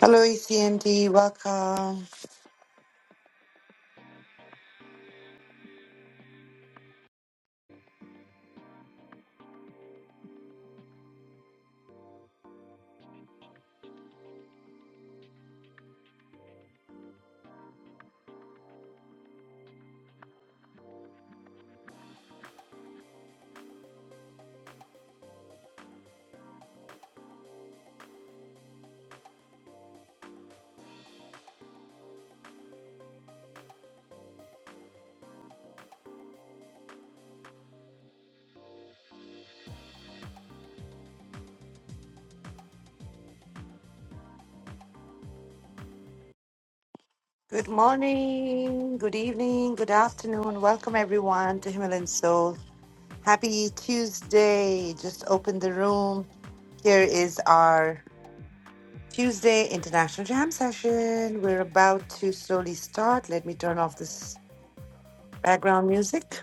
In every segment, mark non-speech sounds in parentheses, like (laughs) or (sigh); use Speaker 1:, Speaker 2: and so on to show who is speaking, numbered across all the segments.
Speaker 1: Hello, ECMD. Welcome. Good morning, good evening, good afternoon. Welcome, everyone, to Himalayan Soul. Happy Tuesday. Just opened the room. Here is our Tuesday International Jam session. We're about to slowly start. Let me turn off this background music.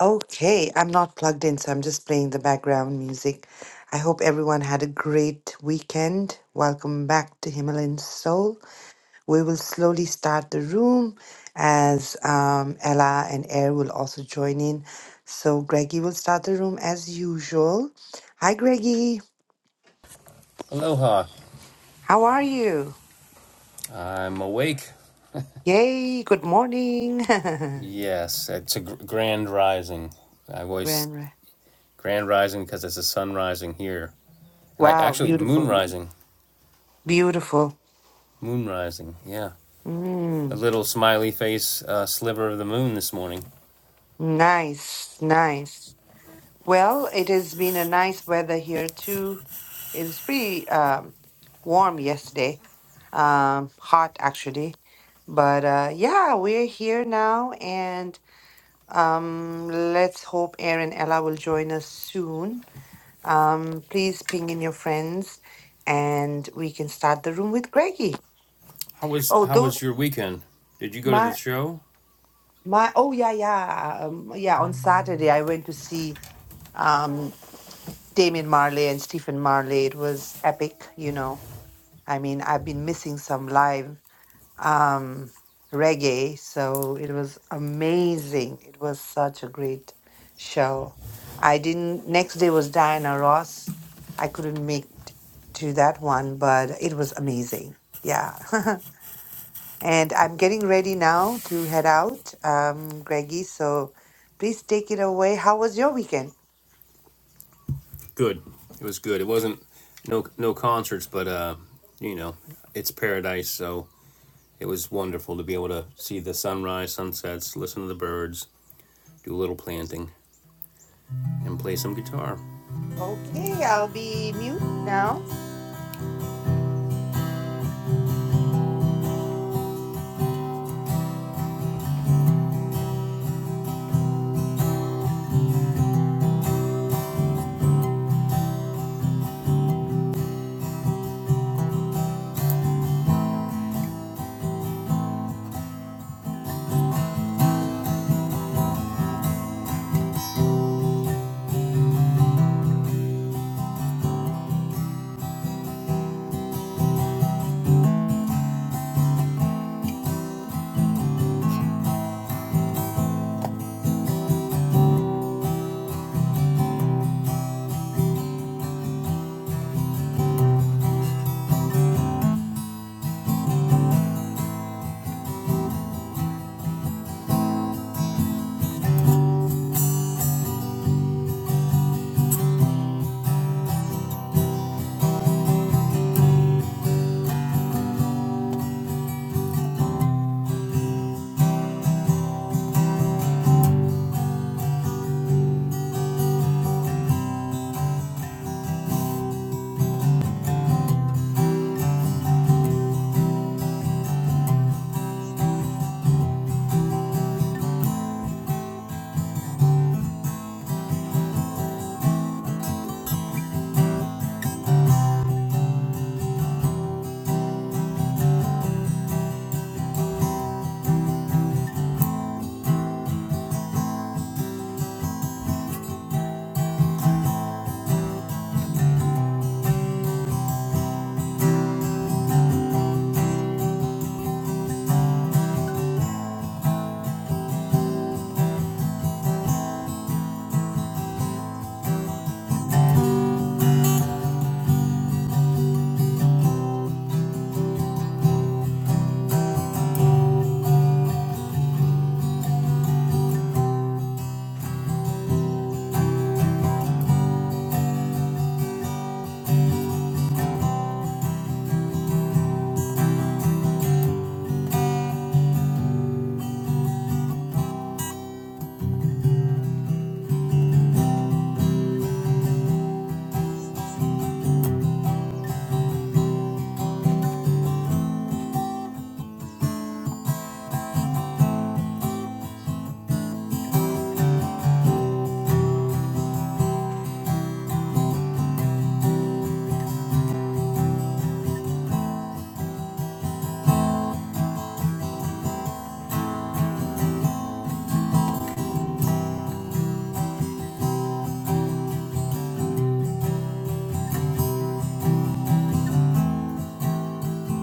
Speaker 1: Okay, I'm not plugged in, so I'm just playing the background music. I hope everyone had a great weekend. Welcome back to Himalayan Soul. We will slowly start the room as um, Ella and Air will also join in. So Greggy will start the room as usual. Hi, Greggy.
Speaker 2: Aloha.
Speaker 1: How are you?
Speaker 2: I'm awake.
Speaker 1: Yay, good morning.
Speaker 2: Yes, it's a gr- grand rising. I
Speaker 1: (laughs)
Speaker 2: always
Speaker 1: Grand Ra-
Speaker 2: grand rising because it's a sun rising here. And I
Speaker 1: Wow,
Speaker 2: actually, moon
Speaker 1: beautiful.
Speaker 2: rising.
Speaker 1: Beautiful.
Speaker 2: Moon rising, yeah. A
Speaker 1: Mm,
Speaker 2: little smiley face uh, sliver of the moon this morning.
Speaker 1: nice, nice. Well, it has been a nice weather here too It was pretty um, warm yesterday, um, hot actually. But uh, yeah, we're here now, and um, let's hope Aaron Ella will join us soon. Um, please ping in your friends, and we can start the room with Greggy.
Speaker 2: How was
Speaker 1: Oh,
Speaker 2: how
Speaker 1: don't
Speaker 2: was your weekend? Did you go to the
Speaker 1: my
Speaker 2: show?
Speaker 1: my. Oh yeah, yeah, um, yeah. On Saturday, I went to see um, Damien Marley and Stephen Marley. It was epic, you know. I mean, I've been missing some live. um, reggae. So it was amazing. It was such a great show. I didn't, next day was Diana Ross. I couldn't make t- to that one, but it was amazing. Yeah. (laughs) and I'm getting ready now to head out, um, Greggy. So please take it away. How was your weekend?
Speaker 2: Good. It was good. It wasn't no no concerts, but uh, you know, it's paradise, so it was wonderful to be able to see the sunrise, sunsets, listen to the birds, do a little planting. and play some guitar.
Speaker 1: Okay, I'll be mute now.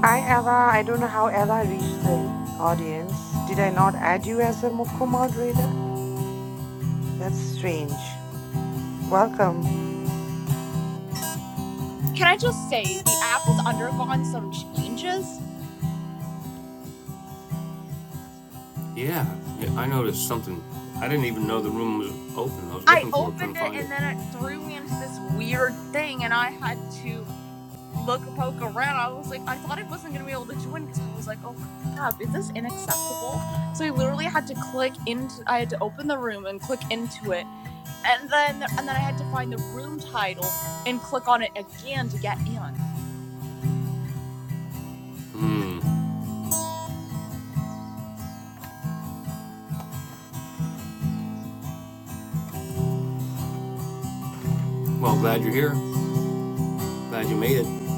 Speaker 1: Hi, Ella. I don't know how Ella reached the audience. Did I not add you as a co moderator? That's strange. Welcome,
Speaker 3: Can I just say the app has undergone some changes?
Speaker 2: Yeah, I noticed something. I didn't even know the room was open. I was
Speaker 3: I
Speaker 2: looking for it, couldn't
Speaker 3: opened it
Speaker 2: find it.
Speaker 3: and then it threw me into this weird thing, and I had to look a poke around. I was like, I thought I wasn't gonna be able to join because I was like, oh crap, is this inaccessible? So I literally had to click into. I had to open the room and click into it, and then and then I had to find the room title and click on it again to get in.
Speaker 2: Well, glad you're here. Glad you made it.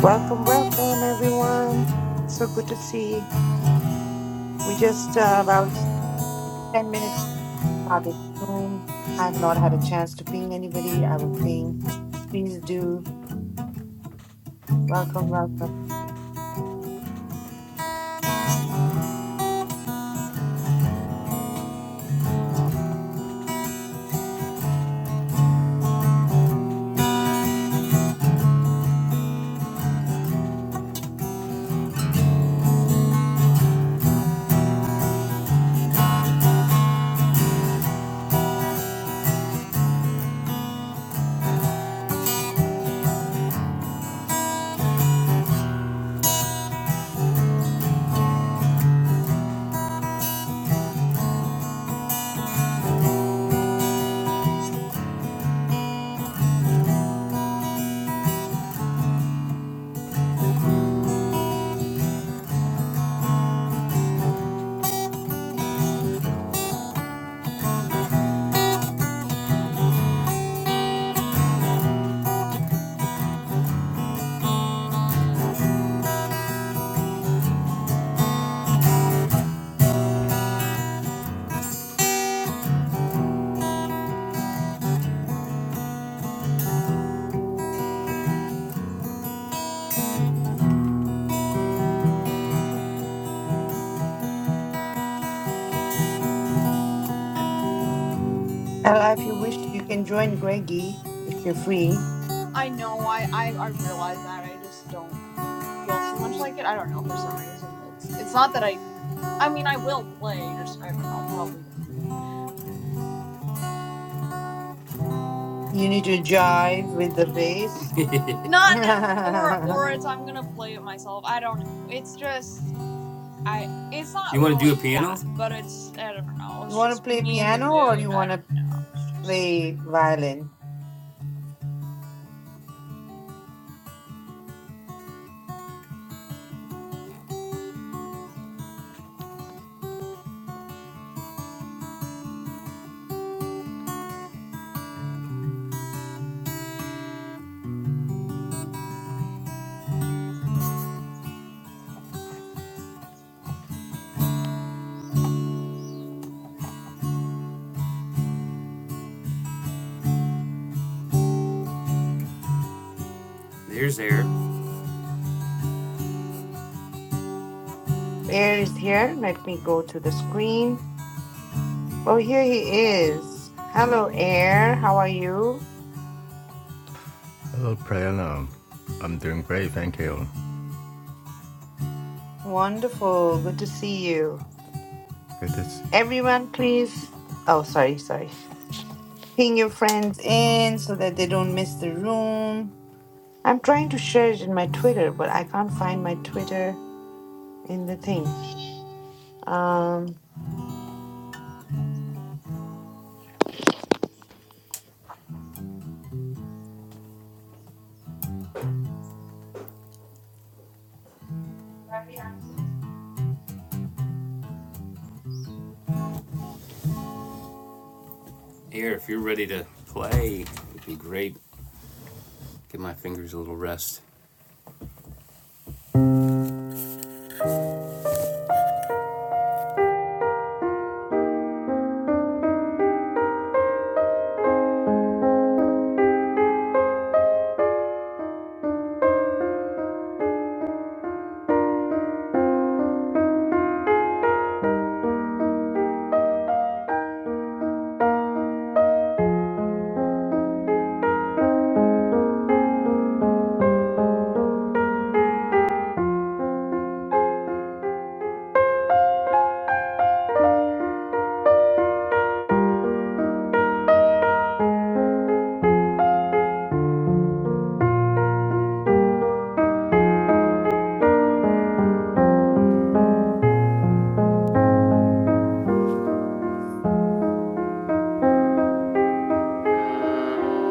Speaker 1: welcome, welcome, everyone. So good to see. We just uh, about 10 minutes started the room. I have not had a chance to ping anybody. I will ping. Please do. Welcome, welcome. Ella, if you wish, you can join Greggy if you're free.
Speaker 3: I know. I I, I realize that. I just don't feel too much like it. I don't know for some reason. It's it's not that I I mean, I will play. Just I don't know, probably
Speaker 1: You need to jive with the bass.
Speaker 3: not. Or or it's
Speaker 1: (laughs)
Speaker 3: I'm gonna play it myself. I don't. It's just I. It's
Speaker 2: You
Speaker 3: not
Speaker 2: want to do a
Speaker 3: really that,
Speaker 2: piano?
Speaker 3: but it's I don't know.
Speaker 1: you
Speaker 3: It's
Speaker 1: want to
Speaker 3: just
Speaker 1: play
Speaker 3: me in the
Speaker 1: piano or
Speaker 3: mood.
Speaker 1: you
Speaker 3: I
Speaker 1: want to
Speaker 3: don't know. it's just...
Speaker 1: play violin?
Speaker 2: There's air.
Speaker 1: Air is here. Let me go to the screen. Oh, here he is. Hello, Air. How are you?
Speaker 4: Hello, Prayana. I'm doing great, thank you.
Speaker 1: Wonderful. Good to see you.
Speaker 4: Good to see you.
Speaker 1: Everyone, please. Oh, sorry, sorry. Ping your friends in so that they don't miss the room. I'm trying to share it in my Twitter, but I can't find my Twitter in the thing. Um,
Speaker 2: Air, if you're ready to play, it'd be great. Give my fingers a little rest.
Speaker 3: Thank you.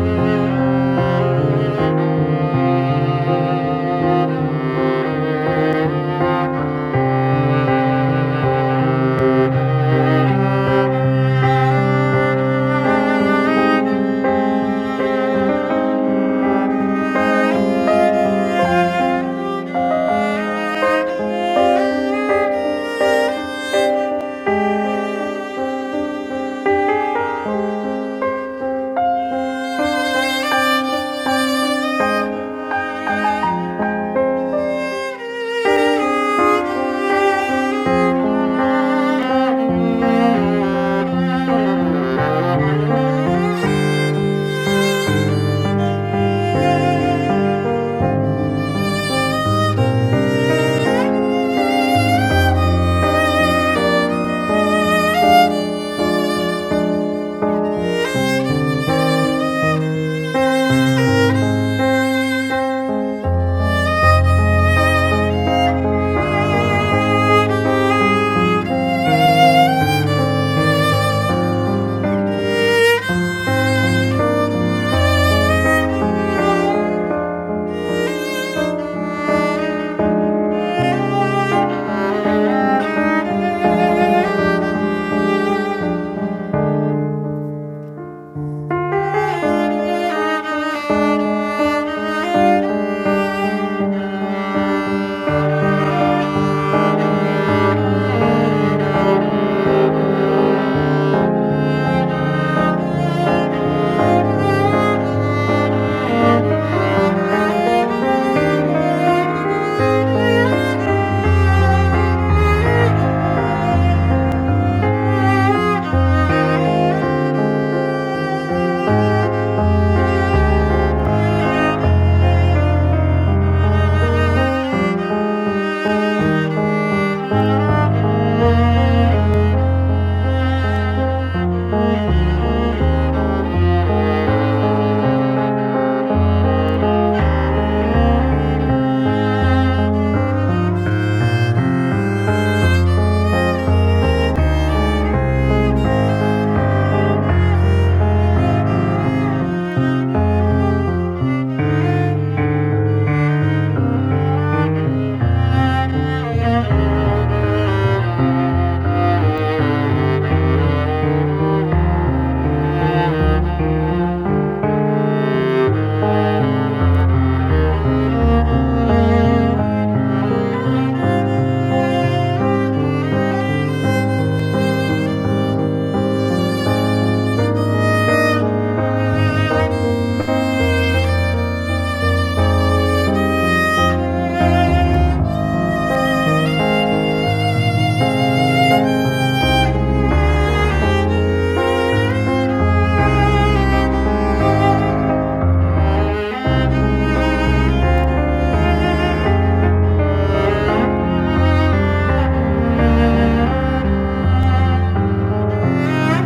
Speaker 3: Thank you. Thank you. Thank you. Thank you. Thank you. Thank you. Thank you. Thank you. Thank you. Thank you. Thank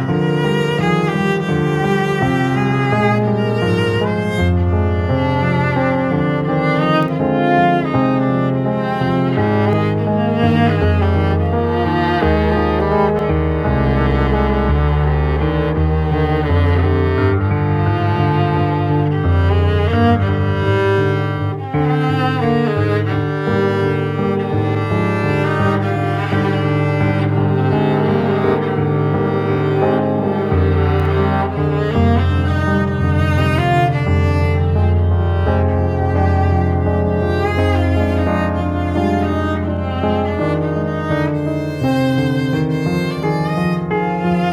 Speaker 3: you. Thank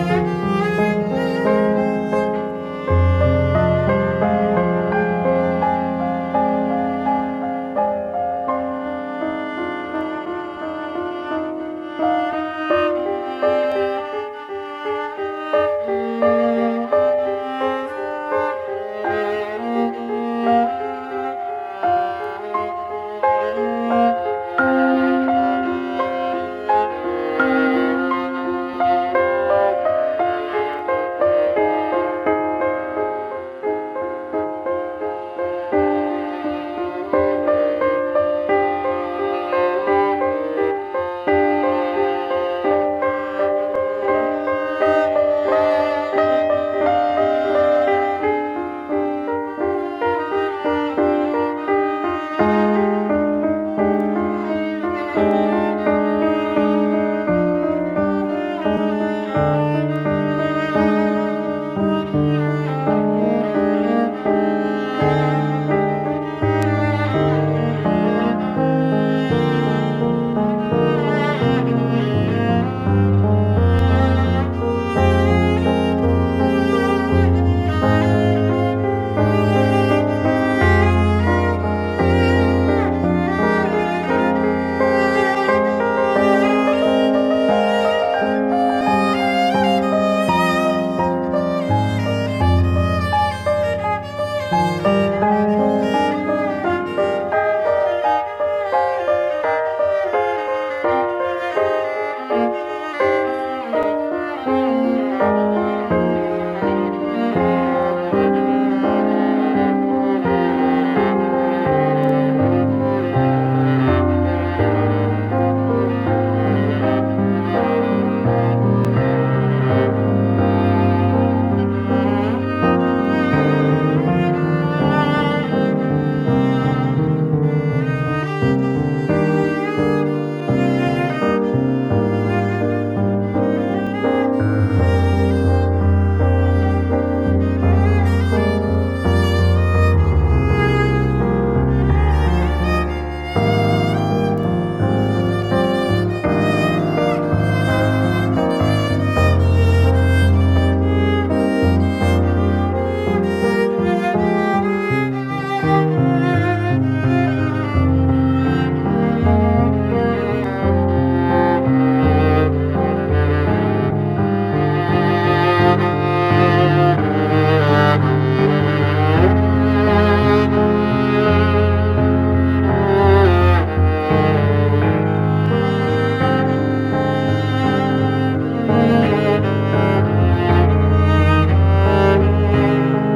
Speaker 3: you. Thank you. Thank you. Thank you. Thank you. Thank you. Thank you. Thank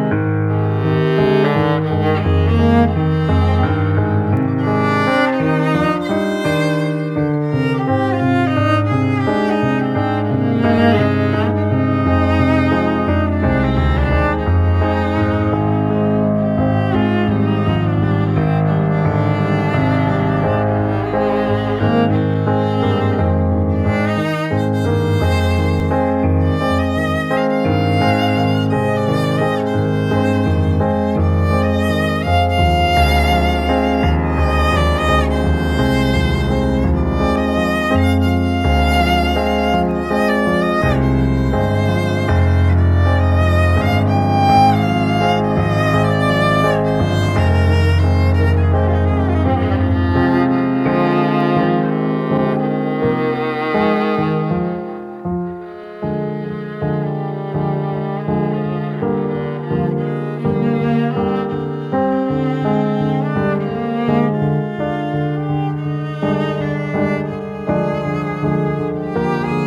Speaker 3: you. Thank you.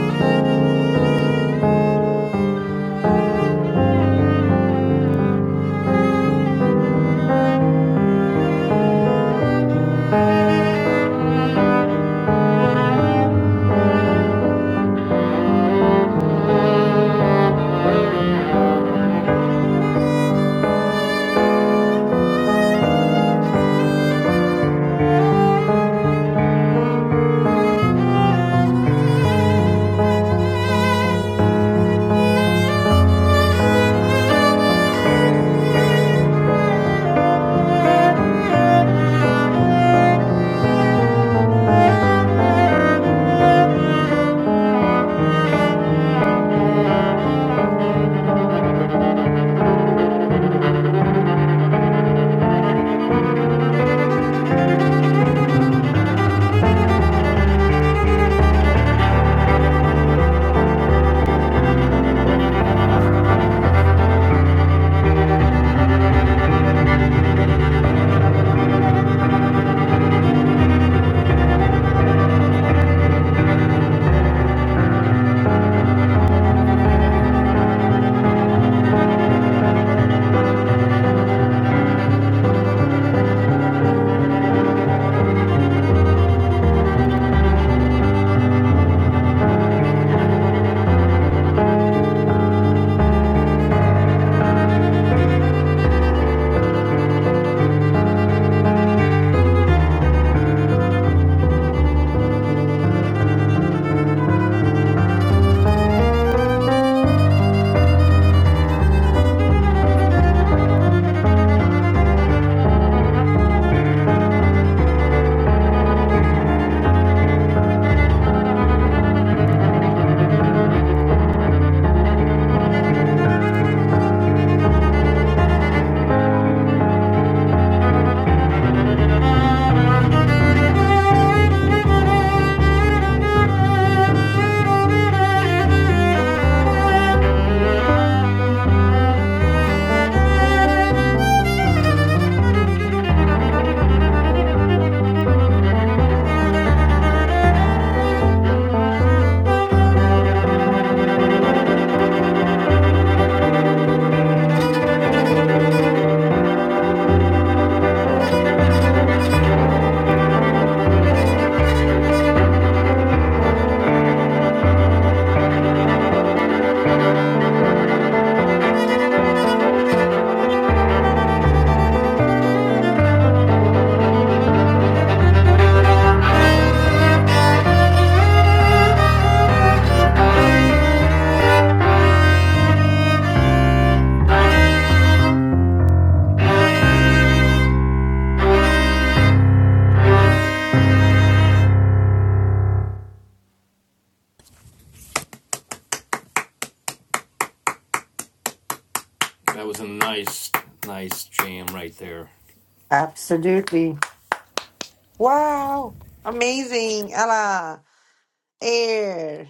Speaker 3: Thank you. Thank you. Thank you.
Speaker 2: That was a nice, nice jam right there.
Speaker 1: absolutely. Wow. Amazing. Ella, Air,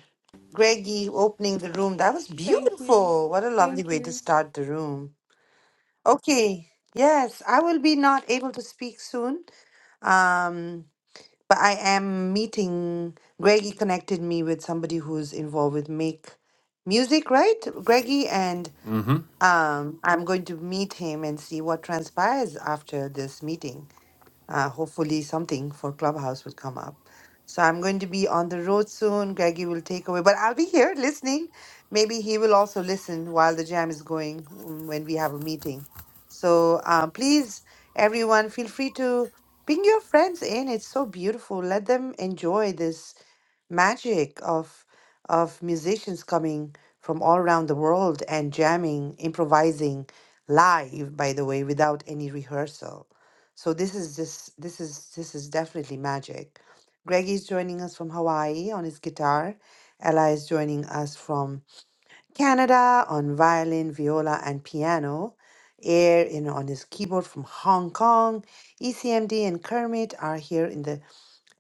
Speaker 1: Greggy opening the room. That was beautiful. What a lovely way to start the room. Okay, yes, I will be not able to speak soon, um, but I am meeting. Greggy connected me with somebody who's involved with Make Music, right? Greggy, and
Speaker 2: Mm-hmm.
Speaker 1: um, I'm going to meet him and see what transpires after this meeting. Uh, hopefully, something for Clubhouse will come up. So I'm going to be on the road soon. Greggy will take away, but I'll be here listening. Maybe he will also listen while the jam is going mm, when we have a meeting. So uh, please, everyone, feel free to bring your friends in. It's so beautiful. Let them enjoy this magic of of musicians coming from all around the world and jamming, improvising live, by the way, without any rehearsal. So this is just this is this is definitely magic. Greg is joining us from Hawaii on his guitar. Ella is joining us from Canada on violin, viola, and piano. Air in on his keyboard from Hong Kong. ECMD and Kermit are here in the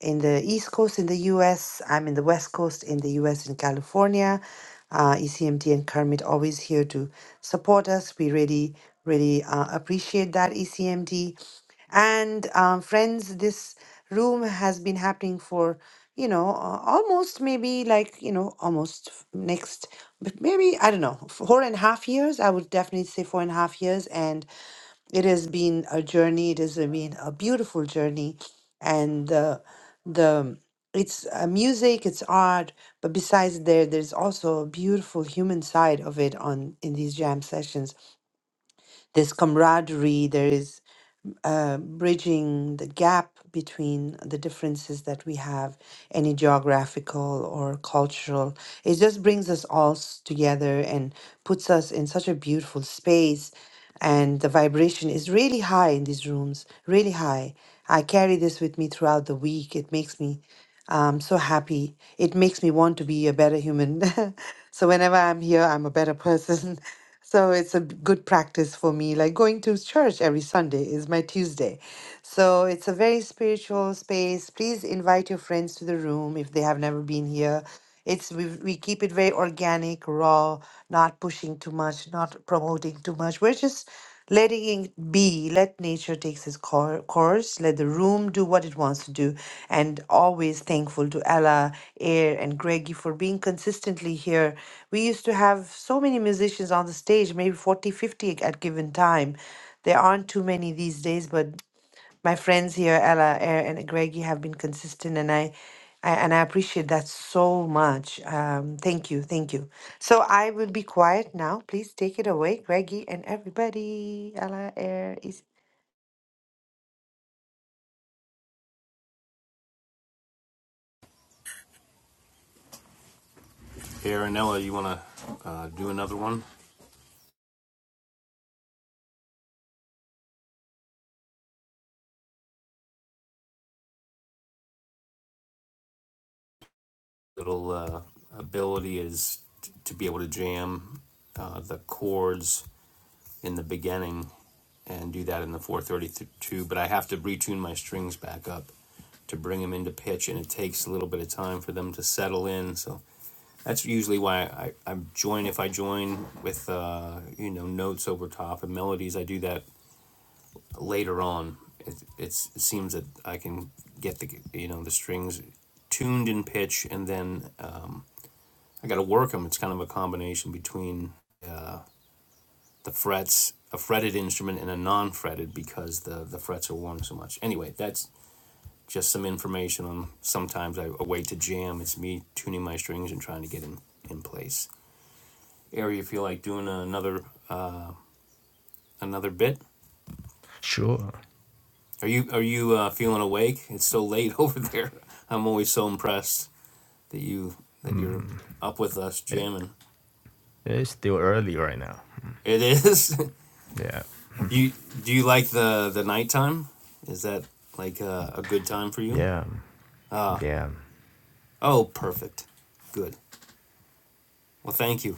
Speaker 1: in the East Coast in the US. I'm in the West Coast in the US in California. Uh, ECMT and Kermit always here to support us. We really, really uh, appreciate that, ECMT. And um, friends, this room has been happening for, you know, uh, almost maybe like, you know, almost f- next, but maybe, I don't know, four and a half years. I would definitely say four and a half years. and it has been a journey. It has been a beautiful journey, and the the it's uh, music, it's art, but besides there, there's also a beautiful human side of it on in these jam sessions. There's camaraderie. There is uh, bridging the gap between the differences that we have, any geographical or cultural. It just brings us all s- together and puts us in such a beautiful space. And the vibration is really high in these rooms, really high. I carry this with me throughout the week. It makes me I'm so happy. It makes me want to be a better human. (laughs) so whenever I'm here, I'm a better person. (laughs) So it's a b- good practice for me. Like going to church every Sunday is my Tuesday. So it's a very spiritual space. Please invite your friends to the room if they have never been here. It's we, we keep it very organic, raw, not pushing too much, not promoting too much. We're just Letting it be, let nature take its cour- course, let the room do what it wants to do, and always thankful to Ella, Air, and Greggy for being consistently here. We used to have so many musicians on the stage, maybe 40, 50 at given time. There aren't too many these days, but my friends here, Ella, Er, and Greg, you have been consistent, and I, I and I appreciate that so much. Um, thank you, thank you. So I will be quiet now. Please take it away, Greggy and everybody. Ella, Air is.
Speaker 2: Aaronella, you want to uh, do another one? Little uh, ability is t- to be able to jam uh, the chords in the beginning and do that in the 432, but I have to retune my strings back up to bring them into pitch, and it takes a little bit of time for them to settle in. So that's usually why I, I join, if I join with, uh, you know, notes over top and melodies, I do that later on. It, it's, it seems that I can get the, you know, the strings tuned in pitch, and then uh, I got to work them. It's kind of a combination between uh, the frets, a fretted instrument and a non-fretted because the the frets are worn so much. Anyway, that's just some information on sometimes I, a way to jam. It's me tuning my strings and trying to get in in place. Ari, you feel like doing another another bit?
Speaker 4: Sure.
Speaker 2: Are you are you uh, feeling awake? It's so late (laughs) over there. I'm always so impressed that you that you're up with us
Speaker 4: It,
Speaker 2: jamming.
Speaker 4: it's still early right now.
Speaker 2: It is.
Speaker 4: Yeah.
Speaker 2: (laughs) you do you like the the nighttime? Is that like uh, a good time for you?
Speaker 4: Yeah. Yeah.
Speaker 2: Oh, perfect. Good. Well, thank you.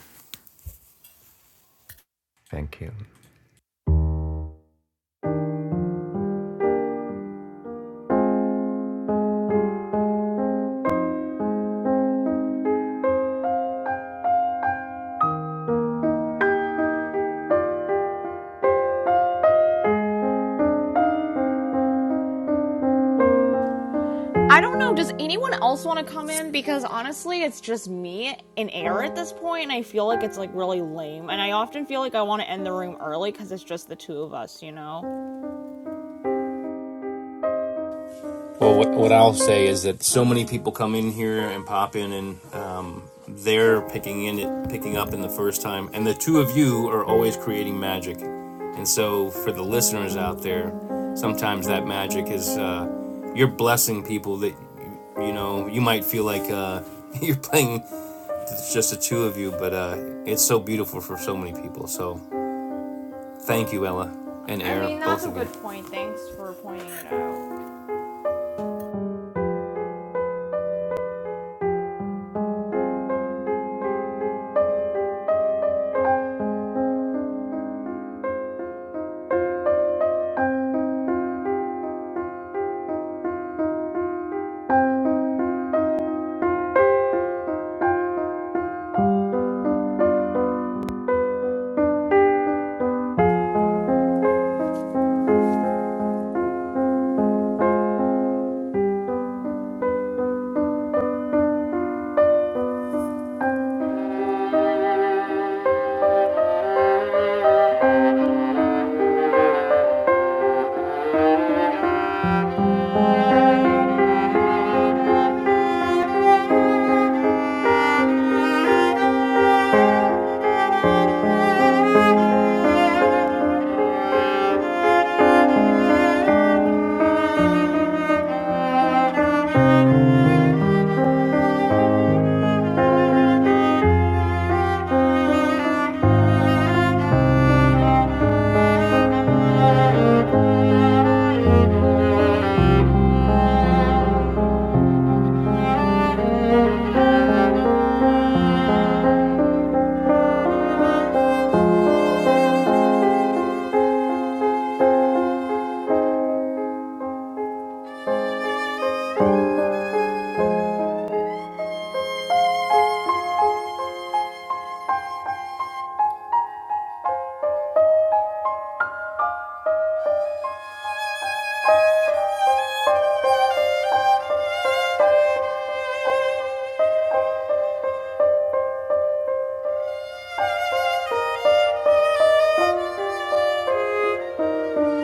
Speaker 4: Thank you.
Speaker 3: I don't know. Does anyone else want to come in? Because honestly, it's just me and air at this point, and I feel like it's like really lame. And I often feel like I want to end the room early because it's just the two of us, you know?
Speaker 2: Well, what, what I'll say is that so many people come in here and pop in, and um, they're picking in it, picking up in the first time. And the two of you are always creating magic, and so for the listeners out there, sometimes that magic is uh, you're blessing people that you, you know you might feel like uh, (laughs) you're playing it's just the two of you, but uh, it's so beautiful for so many people. So thank you, Ella and
Speaker 3: I
Speaker 2: Air,
Speaker 3: mean, that's
Speaker 2: both
Speaker 3: a
Speaker 2: of you.
Speaker 3: good point. Thanks for pointing it out. Thank you. Thank you. Thank you.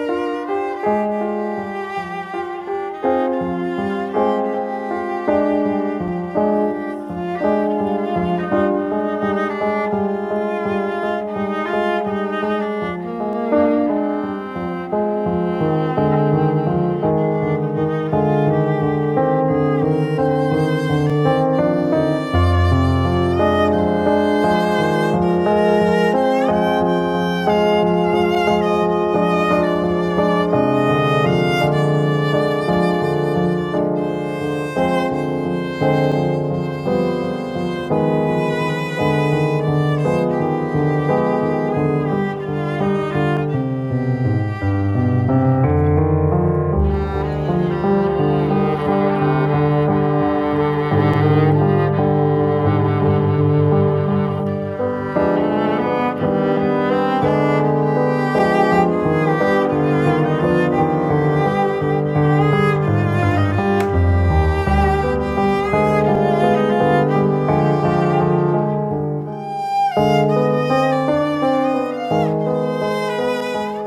Speaker 3: Thank you.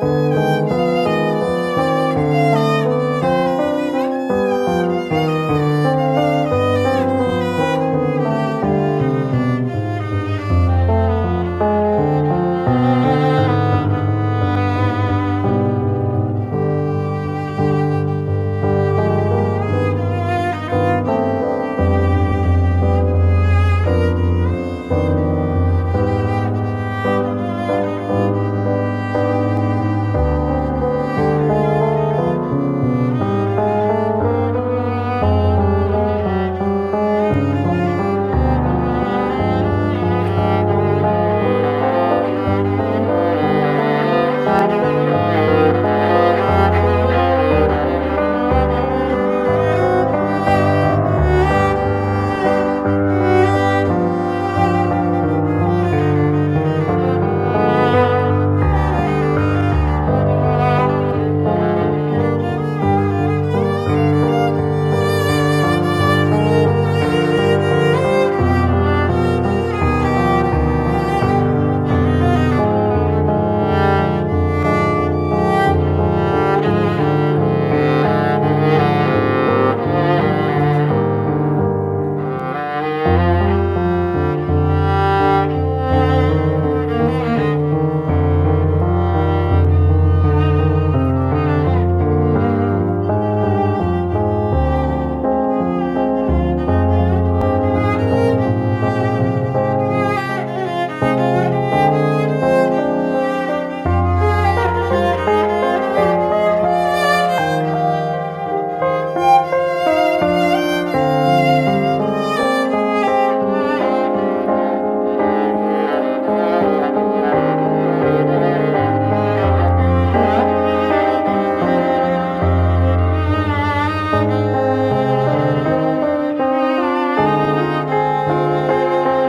Speaker 3: Thank you. Thank you. Thank you. Thank you. Thank you. Thank you.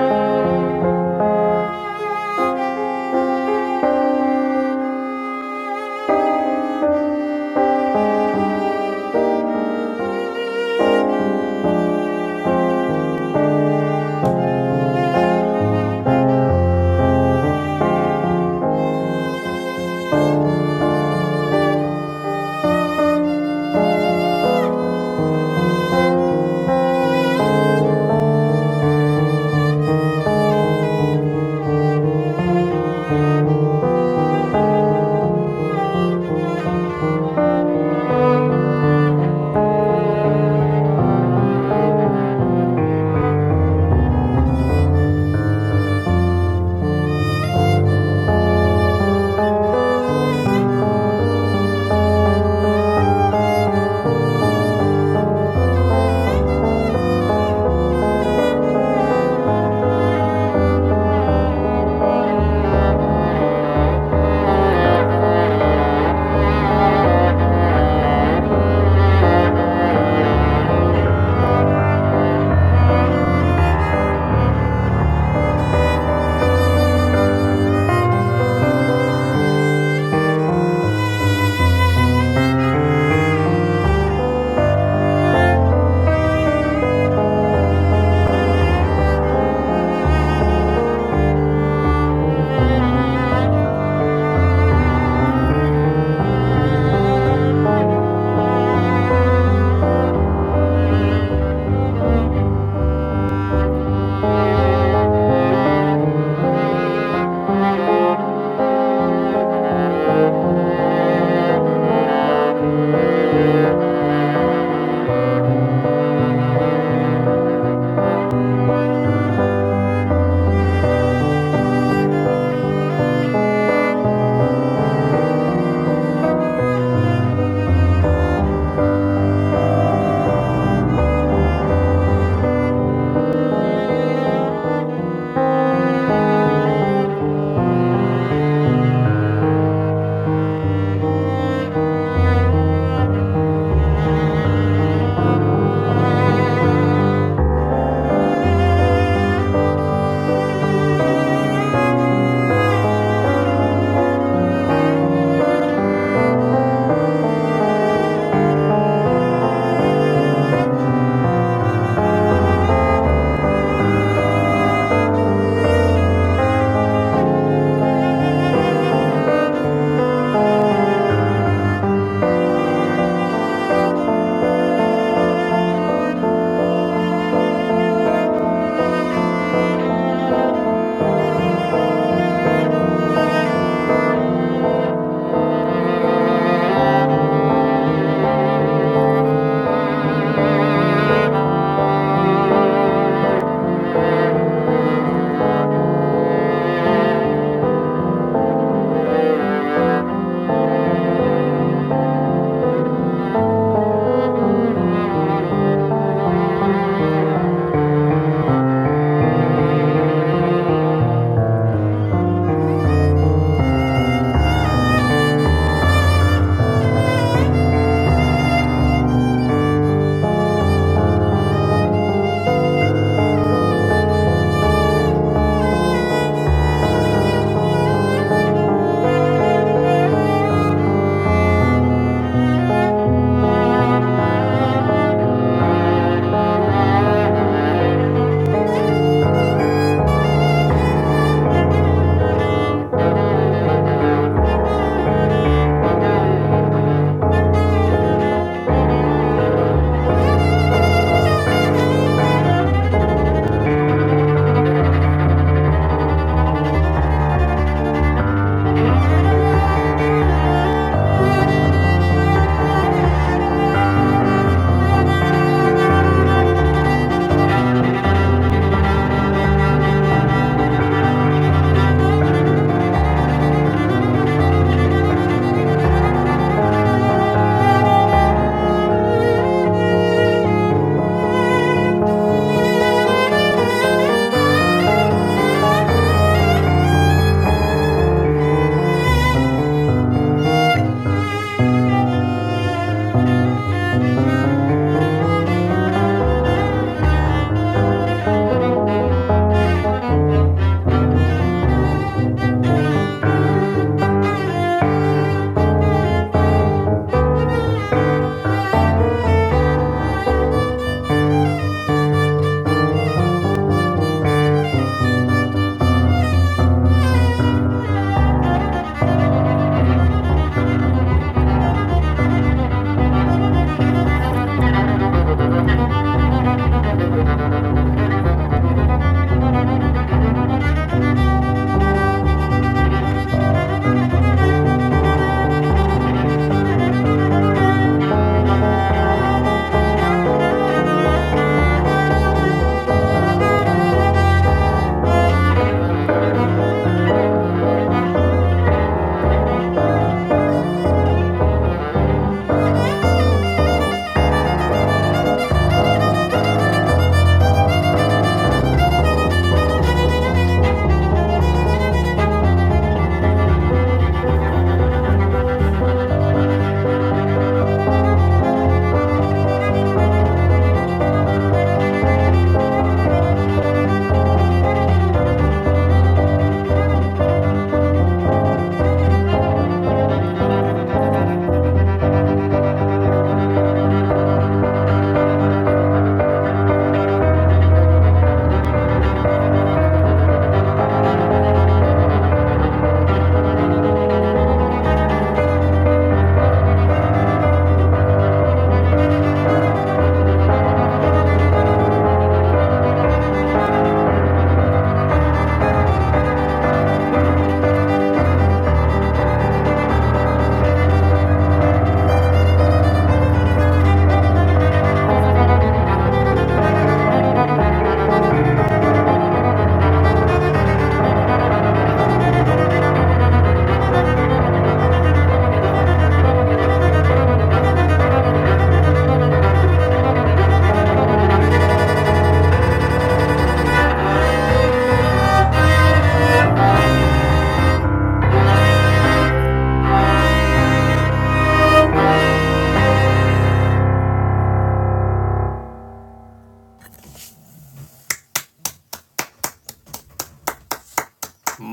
Speaker 3: Thank you. Thank you. Thank you. Thank you. Thank you. Thank you. Thank you. Thank you. Thank (laughs) you. Thank you. Thank (laughs) you. Thank you.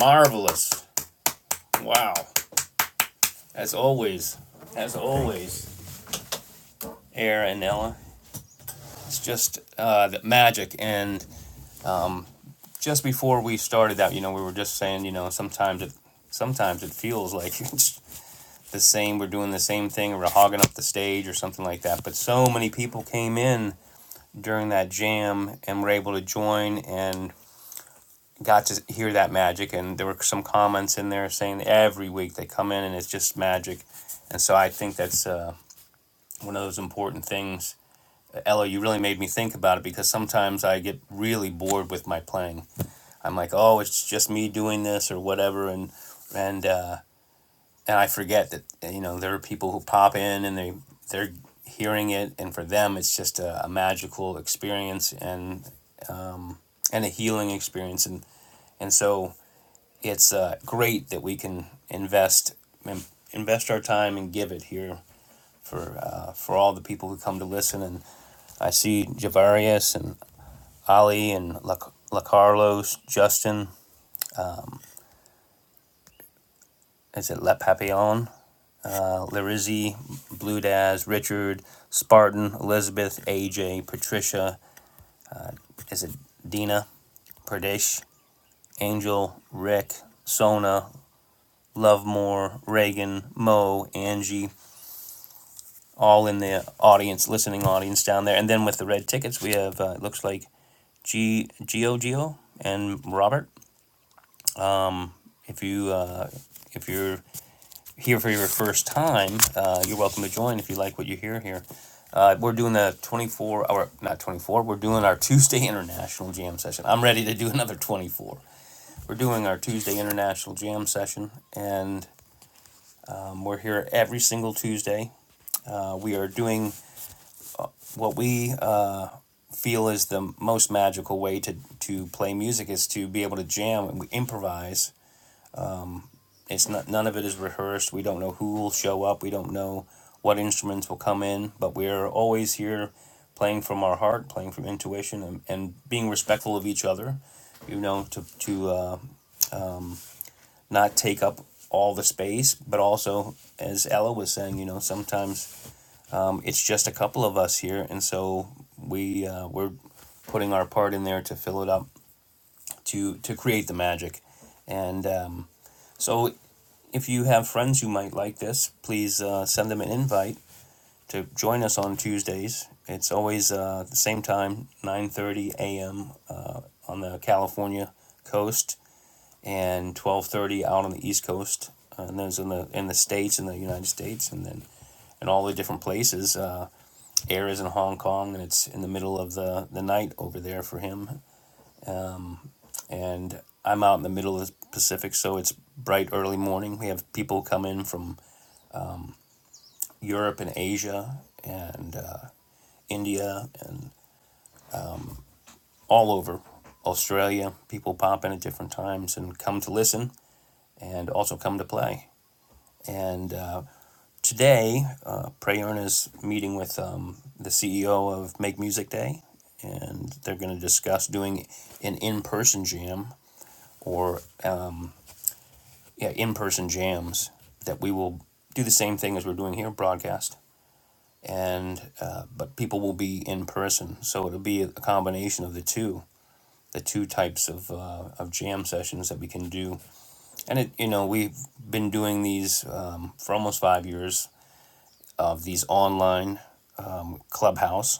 Speaker 2: Marvelous. Wow. As always, as
Speaker 4: Thank you.
Speaker 2: always, Air and Ella, it's just uh, the magic. And just before we started that, you know, we were just saying, you know, sometimes it, sometimes it feels like (laughs) it's the same. We're doing the same thing, or we're hogging up the stage, or something like that. But so many people came in during that jam and were able to join and got to hear that magic. And there were some comments in there saying that every week they come in and it's just magic. And so I think that's uh, one of those important things Ella, you really made me think about it because sometimes I get really bored with my playing. I'm like, oh, it's just me doing this or whatever, and and uh, and I forget that you know there are people who pop in and they they're hearing it, and for them it's just a, a magical experience and and a healing experience, and and so it's uh, great that we can invest invest our time and give it here for uh, for all the people who come to listen and I see Javarius, and Ali and La, Carlos, Justin, is it Le Papillon, uh, Larizzi, Blue Daz, Richard, Spartan, Elizabeth, AJ, Patricia, is it Dina, Pradesh, Angel, Rick, Sona, Lovemore, Reagan, Mo, Angie, all in the audience, listening audience down there. And then with the red tickets, we have, uh, it looks like G Gio Gio and Robert. If you uh, if you're here for your first time, uh, you're welcome to join if you like what you hear here. Uh, we're doing the 24 or not 24, we're doing our Tuesday International Jam session. I'm ready to do another 24. We're doing our Tuesday International Jam session, and um, we're here every single Tuesday. Uh, we are doing what we uh, feel is the most magical way to, to play music is to be able to jam and we improvise It's not none of it is rehearsed. We don't know who will show up. We don't know what instruments will come in, but we're always here playing from our heart, playing from intuition, and, and being respectful of each other. You know, to to uh, not take up all the space, but also, as Ella was saying, you know, sometimes um, it's just a couple of us here, and so we uh, we're putting our part in there to fill it up to to create the magic. And um, so, if you have friends who might like this, please uh, send them an invite to join us on Tuesdays. It's always uh, the same time, nine thirty a.m. Uh, on the California coast and twelve thirty out on the East Coast. Uh, And those in the in the states in the United States and then and all the different places. Uh, Air is in Hong Kong and it's in the middle of the, the night over there for him and I'm out in the middle of the Pacific, so it's bright early morning. We have people come in from Europe and Asia and uh, India and all over Australia. People pop in at different times and come to listen and also come to play. And uh, today, uh, Prayerna is meeting with um, the CEO of Make Music Day, and they're going to discuss doing an in person jam or yeah, in person jams that we will do the same thing as we're doing here, broadcast, and uh, but people will be in person, so it'll be a combination of the two, the two types of uh, of jam sessions that we can do, and it you know we've been doing these um, for almost five years of these online um, clubhouse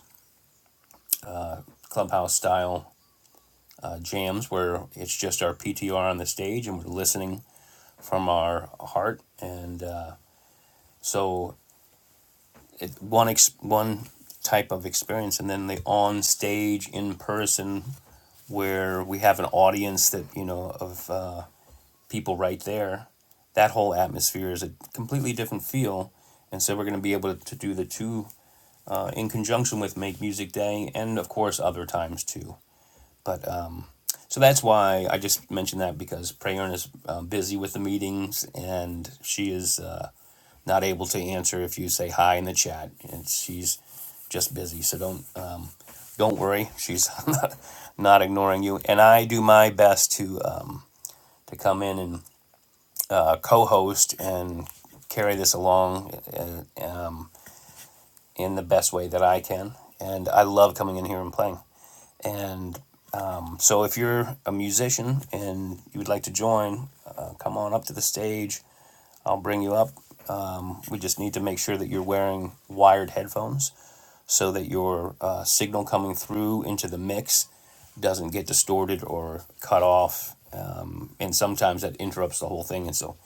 Speaker 2: clubhouse style uh, jams where it's just our PTR on the stage and we're listening from our heart and. Uh, so it, one ex- one type of experience, and then the on stage in person where we have an audience that you know of uh, people right there. That whole atmosphere is a completely different feel, and so we're going to be able to do the two uh, in conjunction with Make Music Day, and of course other times too. But uh, so that's why I just mentioned that because Prayern is um, busy with the meetings and she is uh, not able to answer if you say hi in the chat, and she's just busy. So don't um, don't worry, she's (laughs) not, not ignoring you. And I do my best to um, to come in and uh, co-host and carry this along uh, um, in the best way that I can. And I love coming in here and playing. and. So if you're a musician and you would like to join, uh, come on up to the stage. I'll bring you up. We just need to make sure that you're wearing wired headphones so that your uh, signal coming through into the mix doesn't get distorted or cut off. Um, and sometimes that interrupts the whole thing. And so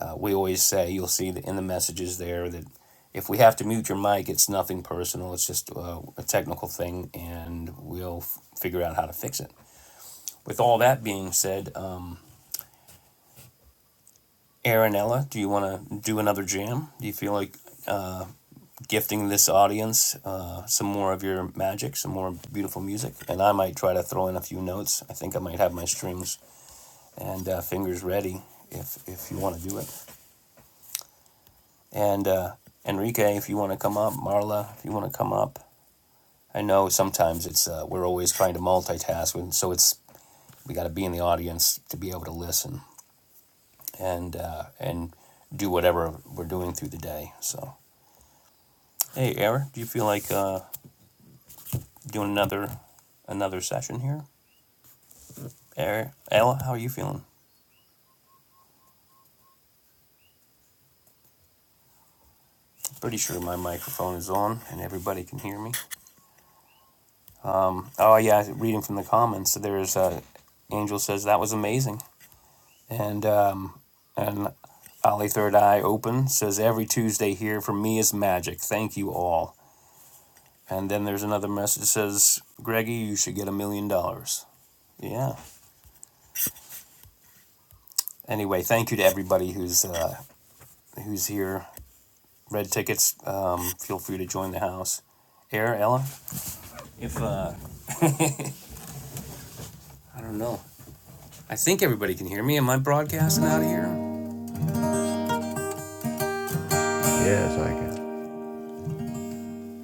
Speaker 2: uh, we always say, you'll see that in the messages there that if we have to mute your mic, it's nothing personal. It's just uh, a technical thing, and we'll f- figure out how to fix it. With all that being said, um, Aaron Ella, do you want to do another jam? Do you feel like gifting this audience uh, some more of your magic, some more beautiful music? And I might try to throw in a few notes. I think I might have my strings and uh, fingers ready if if you want to do it. And uh, Enrique, if you want to come up, Marla, if you want to come up. I know sometimes it's uh, we're always trying to multitask, and so it's we got to be in the audience to be able to listen. and uh, and do whatever we're doing through the day. So, hey, Eric, do you feel like uh, doing another another session here? Eric, Ella, how are you feeling? Pretty sure my microphone is on and everybody can hear me. Oh yeah, reading from the comments, so there's uh, Angel says that was amazing, and um, and Ollie Third Eye Open says every Tuesday here for me is magic. Thank you all. And then there's another message that says, Greggy, you should get a million dollars. Yeah. anyway, thank you to everybody who's uh, who's here. Red tickets. Um, feel free to join the house. Air Ella, if uh, I don't know, I think everybody can hear me. Am I broadcasting out of here?
Speaker 4: Yes, I can.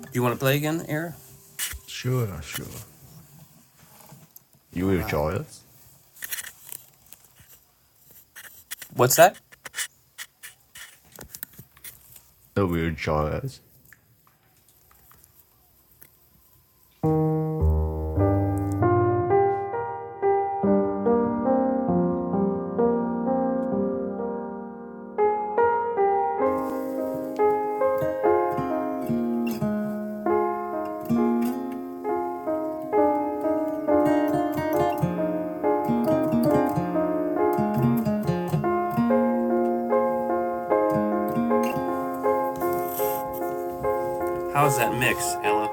Speaker 2: Do you want to play again, Air?
Speaker 4: Sure, sure. You
Speaker 2: All
Speaker 4: will
Speaker 2: right.
Speaker 4: join us?
Speaker 2: What's that?
Speaker 4: You will join us?
Speaker 2: How's that mix, Ella?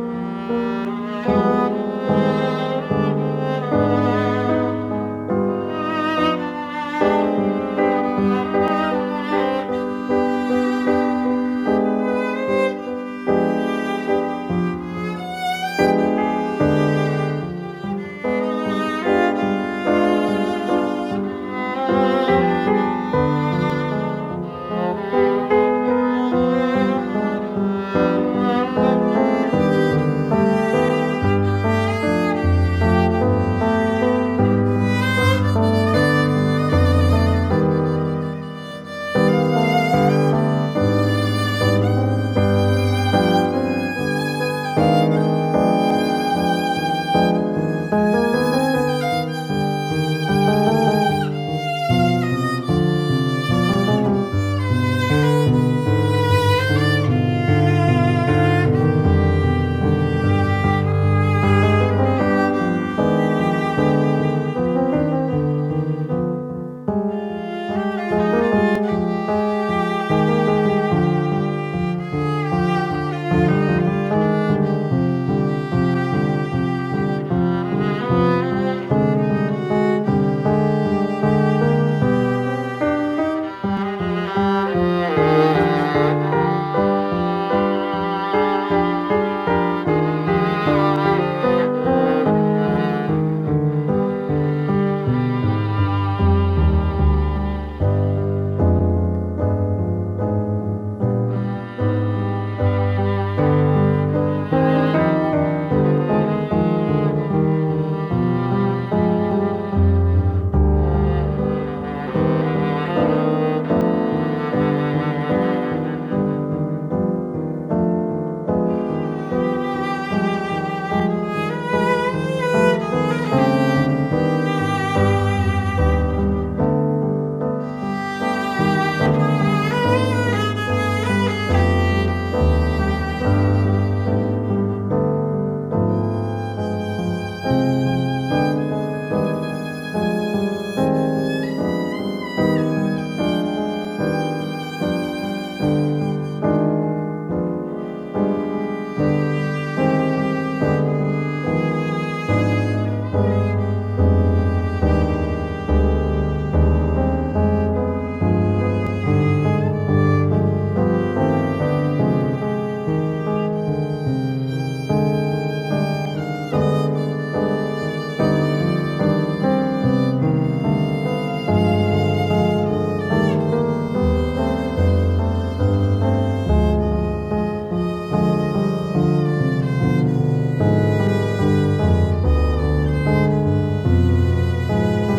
Speaker 3: Thank you. Thank you. Thank you. Thank you. Thank you. Thank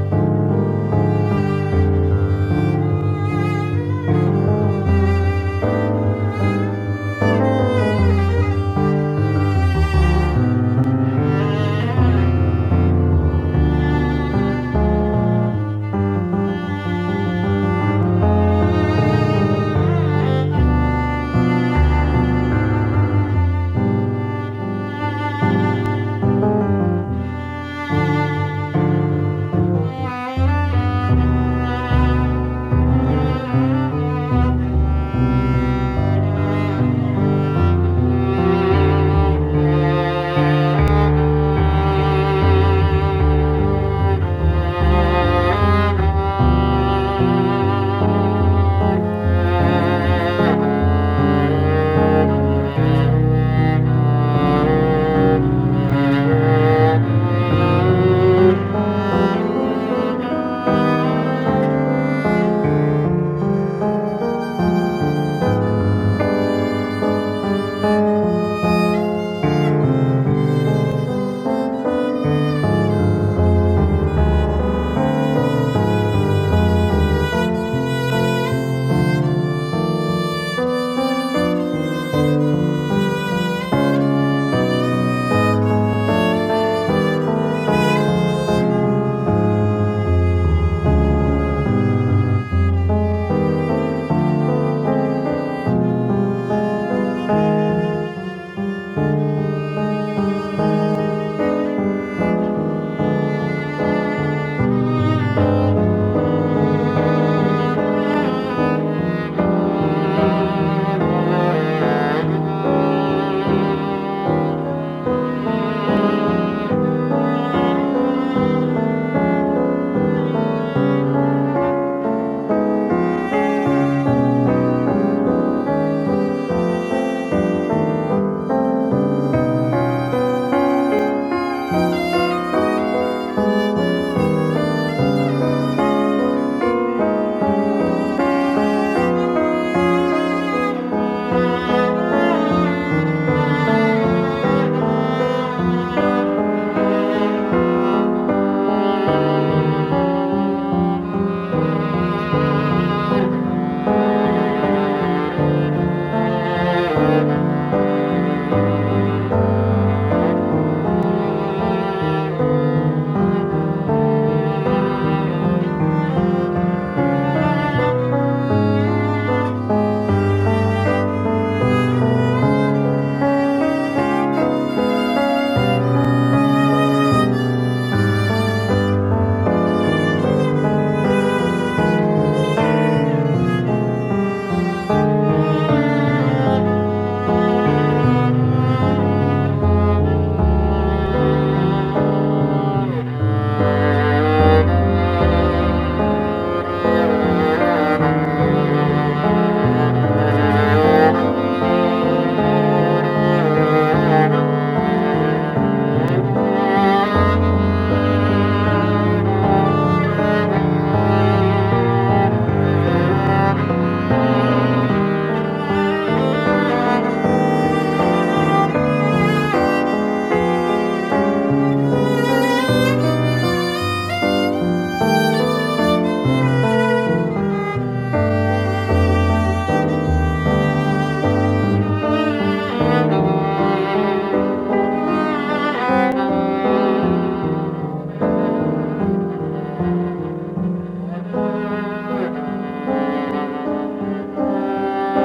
Speaker 3: you. Thank you. Thank you. Thank you. Thank you. Thank you. (laughs) Thank you. Thank you.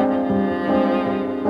Speaker 3: Thank you. Thank you.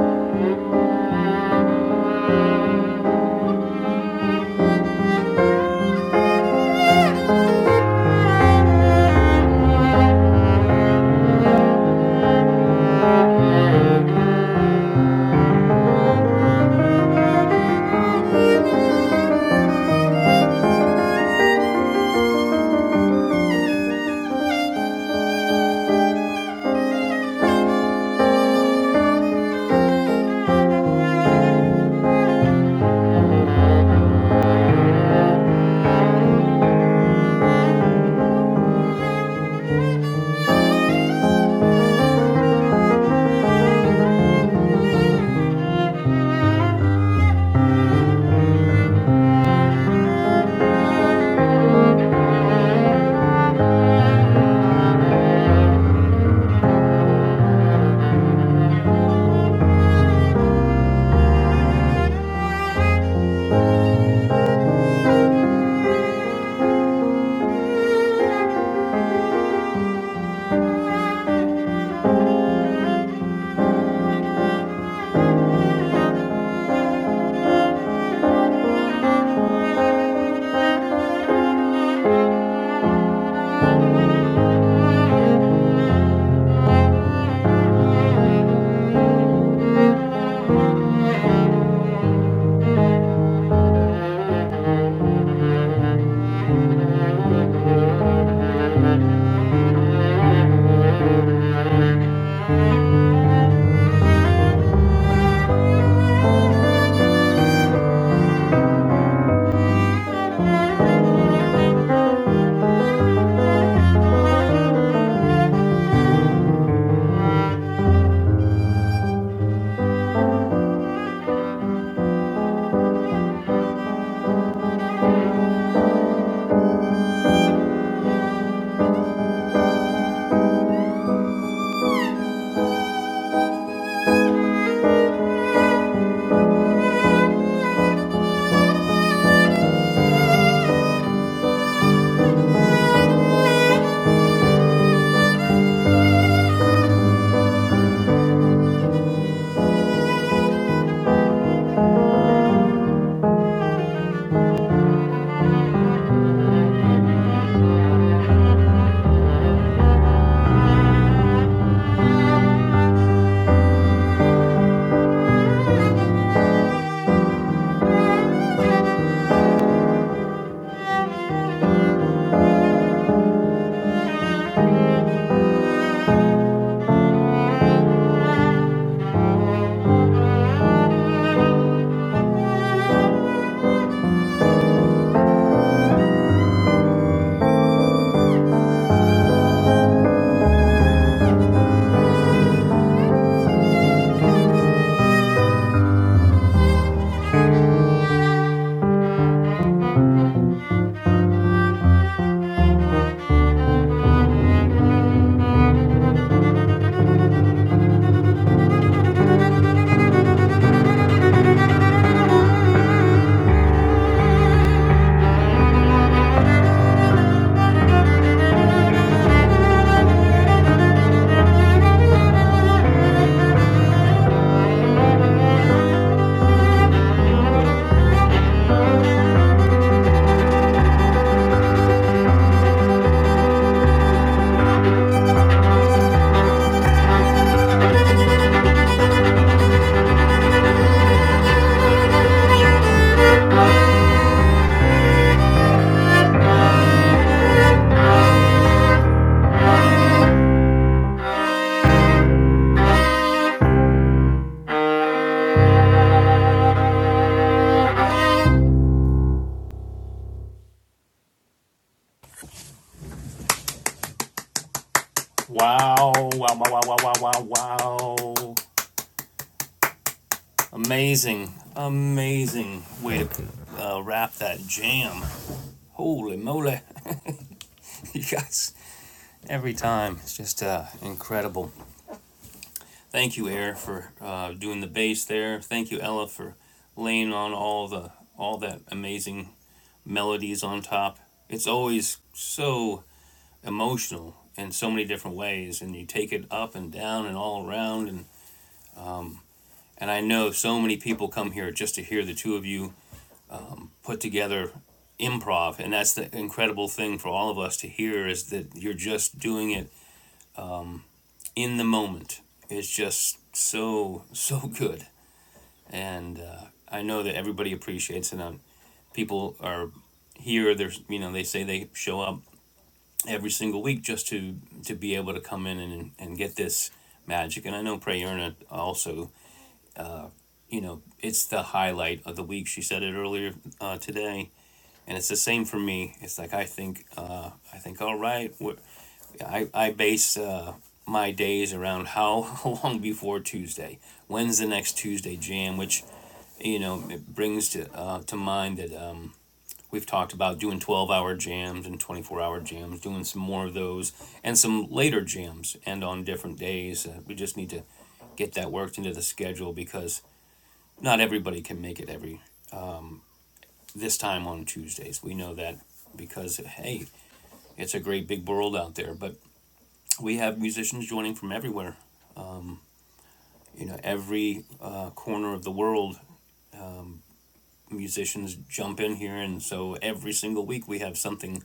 Speaker 3: Thank you. Thank you. Thank you. Thank you. Thank you. Thank you. Thank you.
Speaker 2: Wow! Wow! Wow! Wow! Wow! Wow! Wow! wow. Amazing! Amazing way to
Speaker 4: Thank you.
Speaker 2: uh, wrap that jam. Holy moly! (laughs) you guys, every time it's just uh, incredible. Thank you, Air, for uh, doing the bass there. Thank you, Ella, for laying on all the all that amazing melodies on top. It's always so emotional in so many different ways, and you take it up and down and all around. And and I know so many people come here just to hear the two of you put together improv, and that's the incredible thing for all of us to hear is that you're just doing it in the moment. It's just so so good. and uh, I know that everybody appreciates it. Um, people are here. There's you know they say they show up every single week just to to be able to come in and and get this magic. And I know Prayerna also. You know, it's the highlight of the week. She said it earlier uh, today and it's the same for me. It's like I think, uh, I think, all right, what- I I base uh, my days around how (laughs) long before Tuesday. When's the next Tuesday jam? Which you know it brings to uh, to mind that um, we've talked about doing twelve hour jams and twenty four hour jams, doing some more of those and some later jams and on different days. Uh, we just need to get that worked into the schedule because not everybody can make it every this time on Tuesdays. We know that because hey, it's a great big world out there. But we have musicians joining from everywhere. You know, every uh, corner of the world, musicians jump in here, and so every single week we have something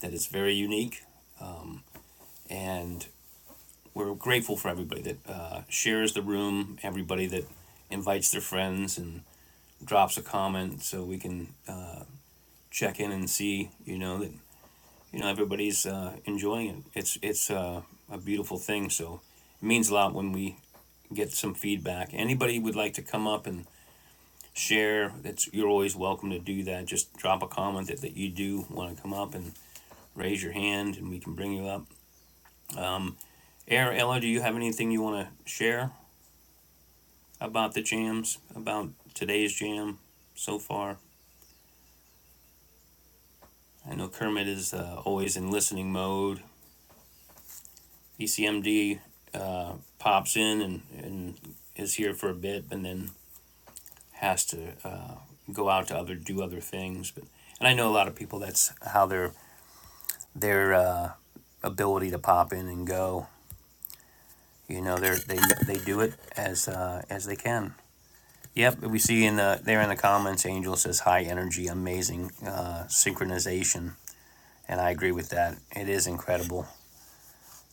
Speaker 2: that is very unique. And we're grateful for everybody that uh, shares the room, everybody that invites their friends and drops a comment, so we can uh, check in and see. You know that you know everybody's uh, enjoying it. It's it's uh, a beautiful thing. So it means a lot when we get some feedback. Anybody would like to come up and share? That's you're always welcome to do that. Just drop a comment that, that you do want to come up and raise your hand, and we can bring you up. Um, Air Ella, do you have anything you want to share about the jams? About today's jam so far? I know Kermit is uh, always in listening mode. ECMD uh, pops in and, and is here for a bit and then has to uh, go out to other do other things. But and I know a lot of people that's how their their uh, ability to pop in and go. You know, they they they do it as uh, as they can. Yep, we see in the there in the comments, Angel says high energy, amazing uh, synchronization, and I agree with that. It is incredible.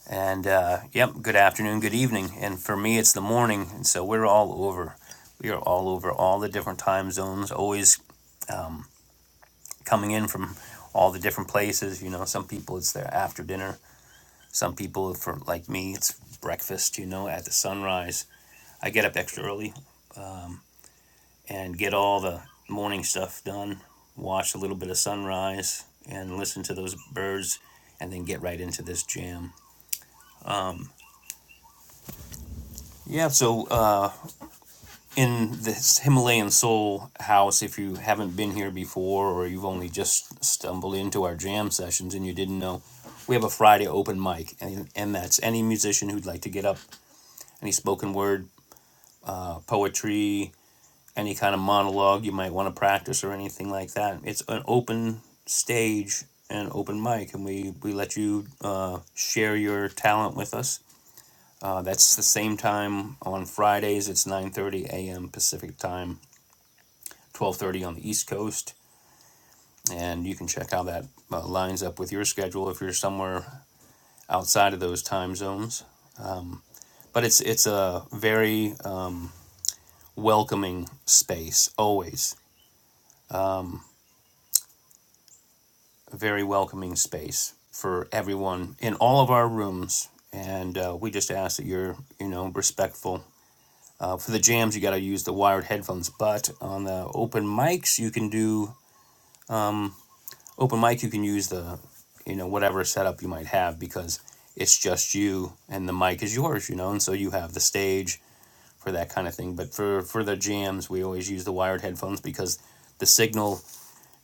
Speaker 2: And uh, yep, good afternoon, good evening. And for me, it's the morning. And so we're all over. We are all over all the different time zones, always coming in from all the different places. You know, some people it's their after dinner. Some people, for like me, it's breakfast, you know, at the sunrise. I get up extra early and get all the morning stuff done, watch a little bit of sunrise and listen to those birds, and then get right into this jam. Yeah, so Uh, in this Himalayan Soul house, if you haven't been here before or you've only just stumbled into our jam sessions and you didn't know, we have a Friday open mic, and, and that's any musician who'd like to get up, any spoken word, uh, poetry, any kind of monologue you might want to practice or anything like that. It's an open stage and open mic, and we, we let you uh, share your talent with us. Uh, that's the same time on Fridays. It's 9:30 a.m. Pacific time 12:30 on the East Coast, and you can check how that uh, lines up with your schedule if you're somewhere outside of those time zones. But it's it's a very uh, welcoming space, always a very welcoming space for everyone in all of our rooms. And uh, we just ask that you're, you know, respectful. Uh, for the jams, you got to use the wired headphones. But on the open mics, you can do open mic you can use the you know whatever setup you might have because it's just you and the mic is yours you know and so you have the stage for that kind of thing but for for the jams we always use the wired headphones because the signal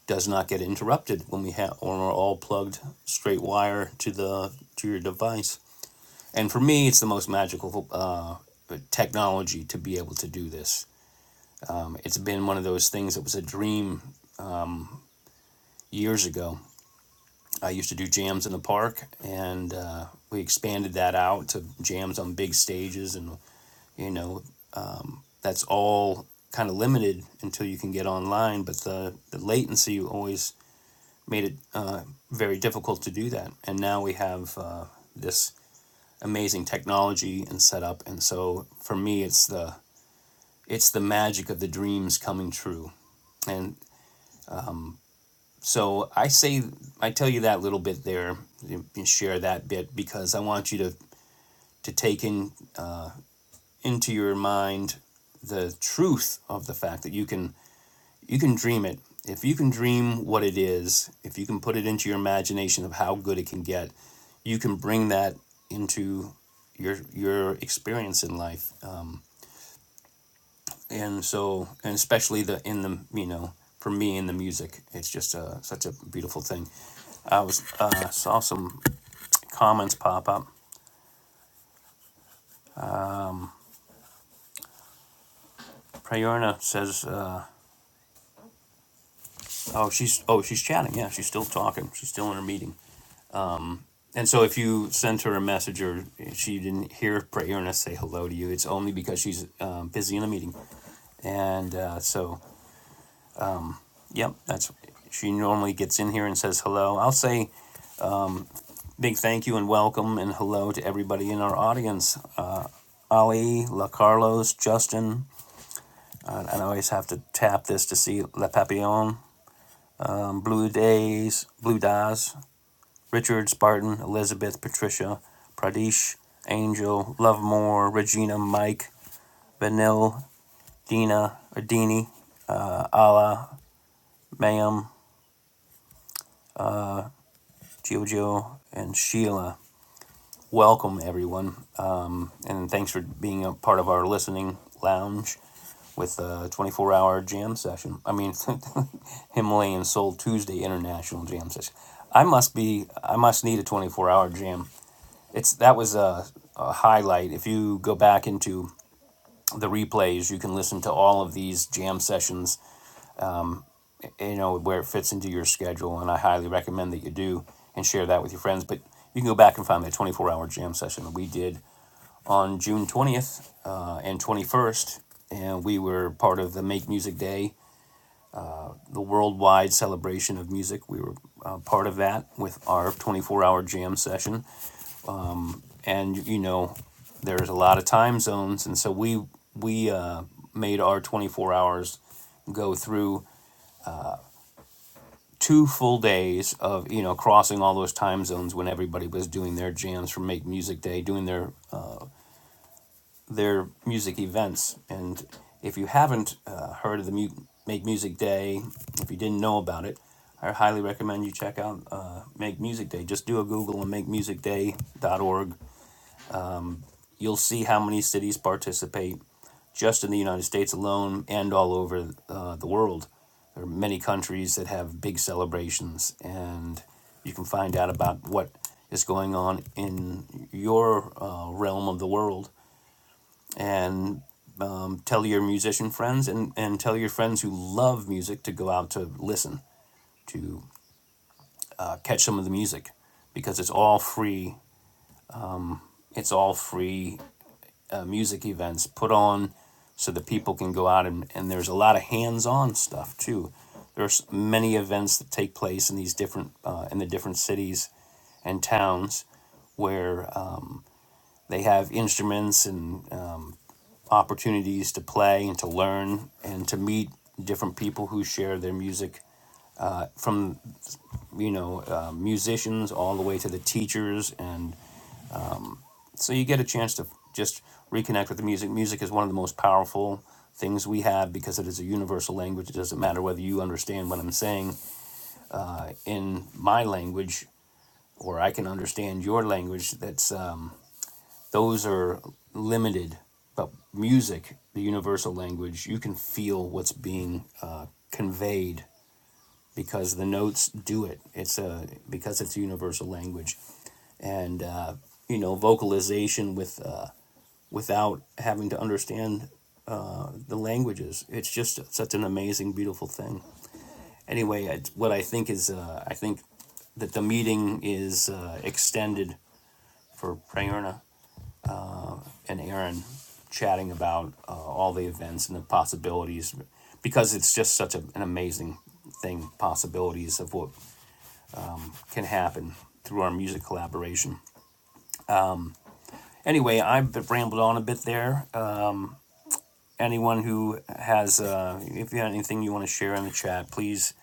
Speaker 2: does not get interrupted when we have when we're all plugged straight wire to the to your device and for me it's the most magical uh, technology to be able to do this it's been one of those things that was a dream years ago I used to do jams in the park, and uh, we expanded that out to jams on big stages, and you know, that's all kind of limited until you can get online. But the, the latency always made it uh, very difficult to do that, and now we have uh, this amazing technology and setup, and so for me, it's the it's the magic of the dreams coming true. And so I say, I tell you that little bit there, you- share that bit because I want you to to take in uh, into your mind the truth of the fact that you can you can dream it. If you can dream what it is, if you can put it into your imagination of how good it can get, you can bring that into your your experience in life. Uh, and so, and especially the in the you know for me in the music, it's just a, such a beautiful thing. I was uh, saw some comments pop up. Prayerna says. Uh, Oh, she's oh she's chatting. Yeah, she's still talking. She's still in her meeting. And so if you sent her a message or she didn't hear pray earnest say hello to you, it's only because she's um, busy in a meeting. And uh, so, yep, that's she normally gets in here and says hello. I'll say big thank you and welcome and hello to everybody in our audience. Uh, Ali, La Carlos, Justin, and I always have to tap this to see La Papillon, um, Blue Days, Blue Daz, Richard, Spartan, Elizabeth, Patricia, Pradesh, Angel, Lovemore, Regina, Mike, Vanille, Dina, Adini, Ma'am, Jojo, and Sheila. Welcome, everyone, um, and thanks for being a part of our listening lounge with a 24 hour jam session. I mean, (laughs) Himalayan Soul Tuesday International Jam Session. I must be, I must need a 24 hour jam. It's that was a, a highlight. If you go back into the replays. You can listen to all of these jam sessions, you know, where it fits into your schedule. And I highly recommend that you do and share that with your friends. But you can go back and find that 24 hour jam session that we did on June 20th uh, and 21st. And we were part of the Make Music Day, the worldwide celebration of music. We were uh, part of that with our 24 hour jam session. And, you know, there's a lot of time zones. And so we, we uh, made our 24 hours go through two full days of you know crossing all those time zones when everybody was doing their jams for Make Music Day, doing their uh, their music events. And if you haven't uh, heard of the Mu- Make Music Day, if you didn't know about it, I highly recommend you check out uh, Make Music Day. Just do a Google and org you'll see how many cities participate just in the United States alone and all over uh, the world. There are many countries that have big celebrations, and you can find out about what is going on in your uh, realm of the world. And um, tell your musician friends and, and tell your friends who love music to go out to listen, to uh, catch some of the music, because it's all free. It's all free uh, music events put on so that people can go out and, and there's a lot of hands-on stuff too there's many events that take place in these different uh, in the different cities and towns where uh, they have instruments and um, opportunities to play and to learn and to meet different people who share their music from you know uh, musicians all the way to the teachers and. so you get a chance to just reconnect with the music. Music is one of the most powerful things we have because it is a universal language. It doesn't matter whether you understand what I'm saying in my language or I can understand your language. That's um, those are limited, but music, the universal language, you can feel what's being uh, conveyed because the notes do it. It's a because it's a universal language, and uh, you know vocalization with uh, without having to understand the languages. It's just such an amazing, beautiful thing. Anyway, I, what I think is uh, I think that the meeting is uh, extended for Prayerna and Aaron chatting about uh, all the events and the possibilities because it's just such a, an amazing thing possibilities of what can happen through our music collaboration. Anyway, I've rambled on a bit there. Uh, anyone who has, uh, if you have anything you want to share in the chat, please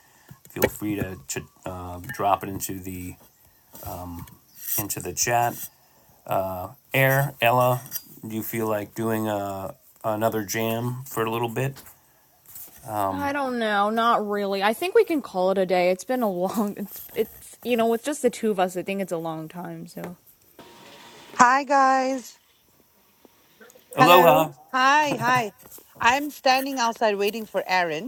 Speaker 2: feel free to, to uh, drop it into the into the chat. Air Ella, do you feel like doing a, another jam for a little bit?
Speaker 3: I don't know, not really. I think we can call it a day. It's been a long. (laughs) It's it's you know, with just the two of us, I think it's a long time. So
Speaker 1: Hi guys. Hello.
Speaker 2: Aloha.
Speaker 1: Hi. Hi. I'm standing outside waiting for Aaron.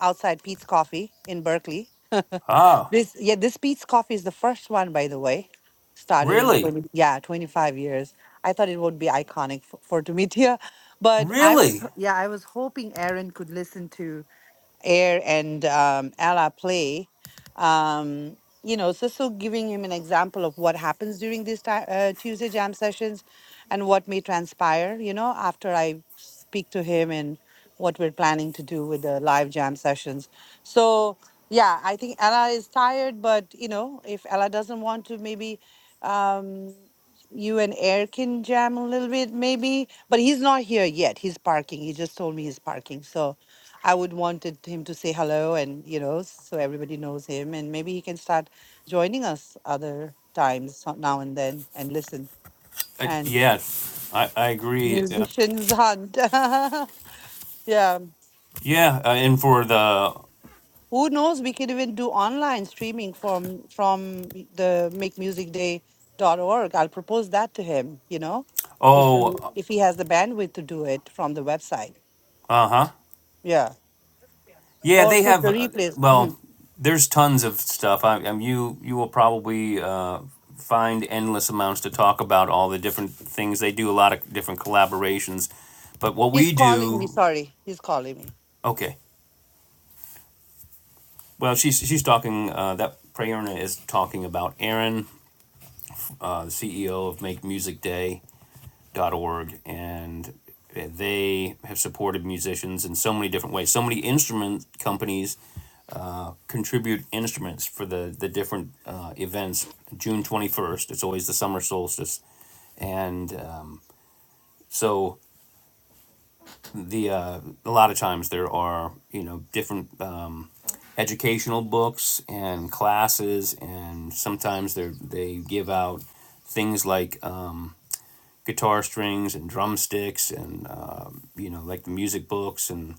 Speaker 1: outside Pete's Coffee in Berkeley. (laughs)
Speaker 2: Ah,
Speaker 1: this yeah, this Pete's Coffee is the first one, by the way. Started in
Speaker 2: really,
Speaker 1: 20, yeah, 25 years. I thought it would be iconic for, for to meet here, but I was h-
Speaker 2: really.
Speaker 1: yeah, I was hoping Aaron could listen to air and um, ally play um, you know so so giving him an example of what happens during these ti uh, tuesday jam sessions and what may transpire you know after i speak to him and what we're planning to do with the live jam sessions so yeah i think ella is tired but you know if ella doesn't want to maybe um, you and air can jam a little bit maybe but he's not here yet he's parking he just told me he's parking so I would wanted him to say hello and you know so everybody knows him and maybe he can start joining us other times so- now and then and listen
Speaker 2: Uh,
Speaker 1: and
Speaker 2: yeah, I I agree. Uh,
Speaker 1: musicians hunt (laughs) yeah
Speaker 2: yeah, uh, and for the
Speaker 1: who knows we could even do online streaming from from the make music day dot org. I'll propose that to him you know if
Speaker 2: oh,
Speaker 1: he, if he has the bandwidth to do it from the website
Speaker 2: uh huh.
Speaker 1: yeah
Speaker 2: Yeah,
Speaker 1: or
Speaker 2: they
Speaker 1: put
Speaker 2: have.
Speaker 1: the
Speaker 2: uh,
Speaker 1: replays
Speaker 2: Well,
Speaker 1: Mhm.
Speaker 2: there's tons of stuff. I, I you you will probably uh, find endless amounts to talk about all the different things they do. A lot of different collaborations, but what
Speaker 1: he's
Speaker 2: we
Speaker 1: calling me
Speaker 2: do,
Speaker 1: sorry he's calling me
Speaker 2: okay. Well, she's she's talking. Uh, that Prayerna is talking about Aaron, uh, the CEO of MakeMusicDay.org, and they have supported musicians in so many different ways. So many instrument companies contribute instruments for the the different uh, events. June twenty first. It's always the summer solstice, and um, so the uh, a lot of times there are you know different um, educational books and classes, and sometimes they they give out things like um, guitar strings and drumsticks and um you know like the music books and.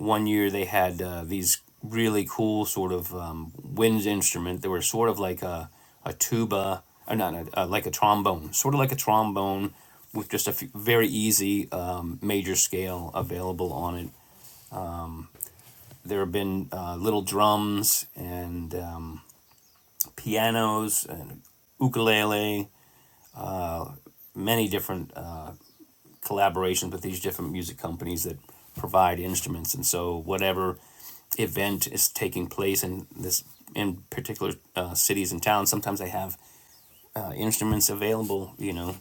Speaker 2: one year they had uh, these really cool sort of um, wind instrument. They were sort of like a a tuba, or not a, uh, like a trombone, sort of like a trombone with just a few, very easy um, major scale available on it. There have been uh, little drums and um, pianos and ukulele, many different collaborations with these different music companies that provide instruments. And so, whatever event is taking place in this in particular uh, cities and towns, sometimes they have uh, instruments available. You know,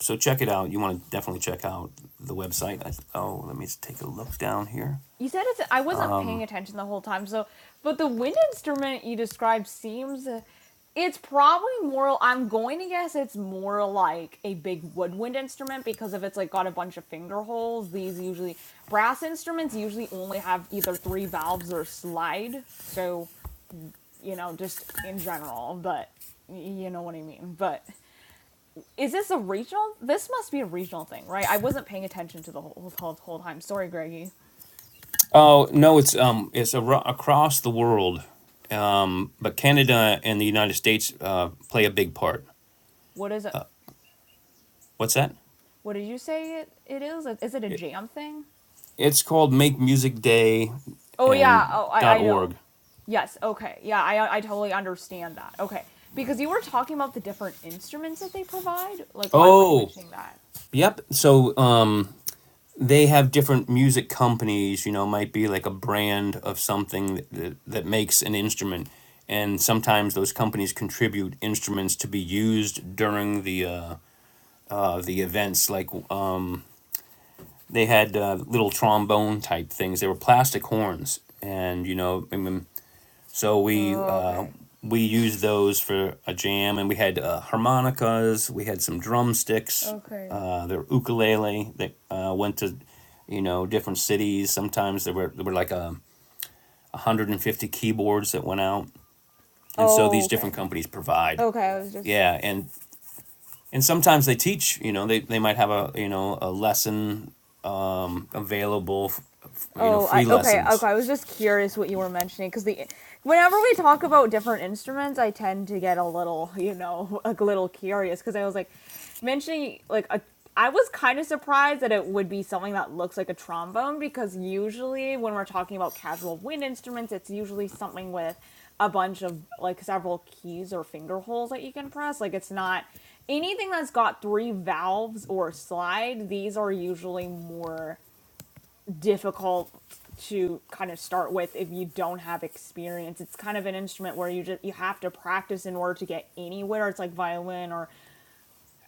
Speaker 2: so check it out. You want to definitely check out the website. I, oh, let me take a look down here.
Speaker 3: You said it's. I wasn't paying attention the whole time. So, but the wind instrument you described seems. It's probably more. I'm going to guess it's more like a big woodwind instrument because if it's like got a bunch of finger holes, these usually brass instruments usually only have either three valves or slide. So you know, just in general, but you know what I mean. But is this a regional? This must be a regional thing, right? I wasn't paying attention to the whole whole, whole time. Sorry, Greggy.
Speaker 2: Oh no, it's um, it's ar- across the world, um, but Canada and the United States uh, play a big part.
Speaker 3: What is it?
Speaker 2: What's that?
Speaker 3: what did you say it, it is? Is it a
Speaker 2: It,
Speaker 3: jam thing?
Speaker 2: it's called Make Music Day
Speaker 3: Oh yeah.
Speaker 2: and
Speaker 3: Oh, I
Speaker 2: dot
Speaker 3: I know.
Speaker 2: org.
Speaker 3: Yes. Okay. Yeah. I I totally understand that. Okay. Because you were talking about the different instruments that they provide. Like, why were you
Speaker 2: Oh,
Speaker 3: mentioning that?
Speaker 2: yep. So um, they have different music companies, you know, might be like a brand of something that, that, that makes an instrument. And sometimes those companies contribute instruments to be used during the uh, uh, the events. Like uh, they had uh, little trombone type things. They were plastic horns, and you know, I mean, So we uh,
Speaker 3: Okay.
Speaker 2: we used those for a jam, and we had uh, harmonicas, we had some drumsticks,
Speaker 3: Okay.
Speaker 2: uh, their ukulele that uh, went to you know different cities. Sometimes there were there were like um, a 150 keyboards that went out, and so these different
Speaker 3: Okay.
Speaker 2: companies provide
Speaker 3: Okay. I was just
Speaker 2: yeah, and and sometimes they teach. You know, they they might have a you know a lesson available, f- f- you know,
Speaker 3: Oh, I
Speaker 2: free
Speaker 3: okay,
Speaker 2: lessons.
Speaker 3: okay. I was just curious what you were mentioning because the whenever we talk about different instruments, I tend to get a little, you know, (laughs) a little curious because I was like mentioning like a I was kind of surprised that it would be something that looks like a trombone because usually when we're talking about casual wind instruments, it's usually something with a bunch of like several keys or finger holes that you can press. Like it's not anything that's got three valves or a slide. These are usually more difficult to kind of start with if you don't have experience. It's kind of an instrument where you just you have to practice in order to get anywhere. It's like violin or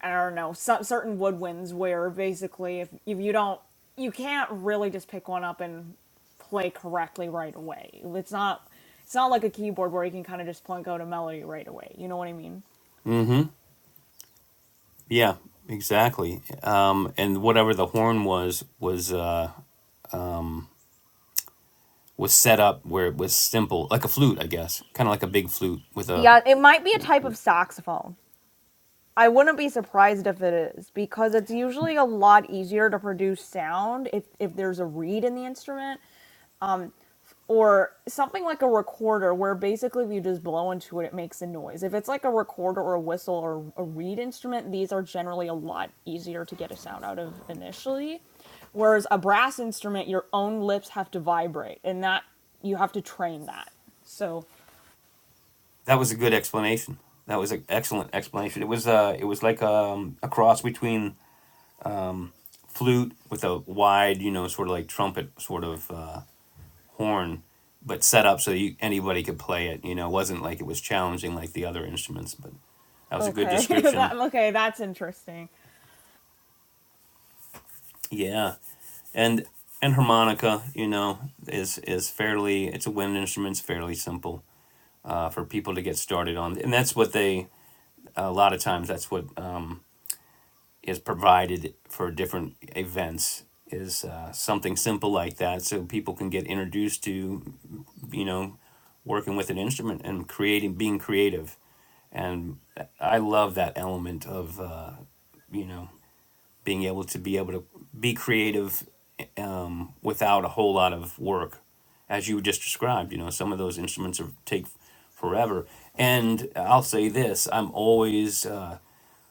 Speaker 3: I don't know, some certain woodwinds where basically if if you don't you can't really just pick one up and play correctly right away. It's not it's not like a keyboard where you can kind of just plunk out a melody right away. You know what I mean?
Speaker 2: Yeah, exactly. Um, and whatever the horn was was. Uh, was set up where it was simple, like a flute, I guess, kind of like a big flute with a.
Speaker 3: Yeah, it might be a type of saxophone. I wouldn't be surprised if it is because it's usually a lot easier to produce sound if, if there's a reed in the instrument um, or something like a recorder where basically if you just blow into it, it makes a noise. If it's like a recorder or a whistle or a reed instrument, these are generally a lot easier to get a sound out of initially. Whereas a brass instrument, your own lips have to vibrate and that you have to train that. So,
Speaker 2: That was a good explanation. That was an excellent explanation. It was uh, it was like um, a cross between flute with a wide, you know, sort of like trumpet sort of uh, horn, but set up so you, anybody could play it. You know, it wasn't like it was challenging like the other instruments. But that was a good
Speaker 3: okay, (laughs) that,
Speaker 2: description.
Speaker 3: okay, that's interesting.
Speaker 2: Yeah, and and harmonica, you know, is is fairly. It's a wind instrument. It's fairly simple uh, for people to get started on. And that's what they, a lot of times, that's what um, is provided for different events is uh, something simple like that so people can get introduced to, you know, working with an instrument and creating, being creative. And I love that element of, uh, you know, being able to be able to be creative um, without a whole lot of work, as you just described. You know, some of those instruments are, take forever. And I'll say this: I'm always uh,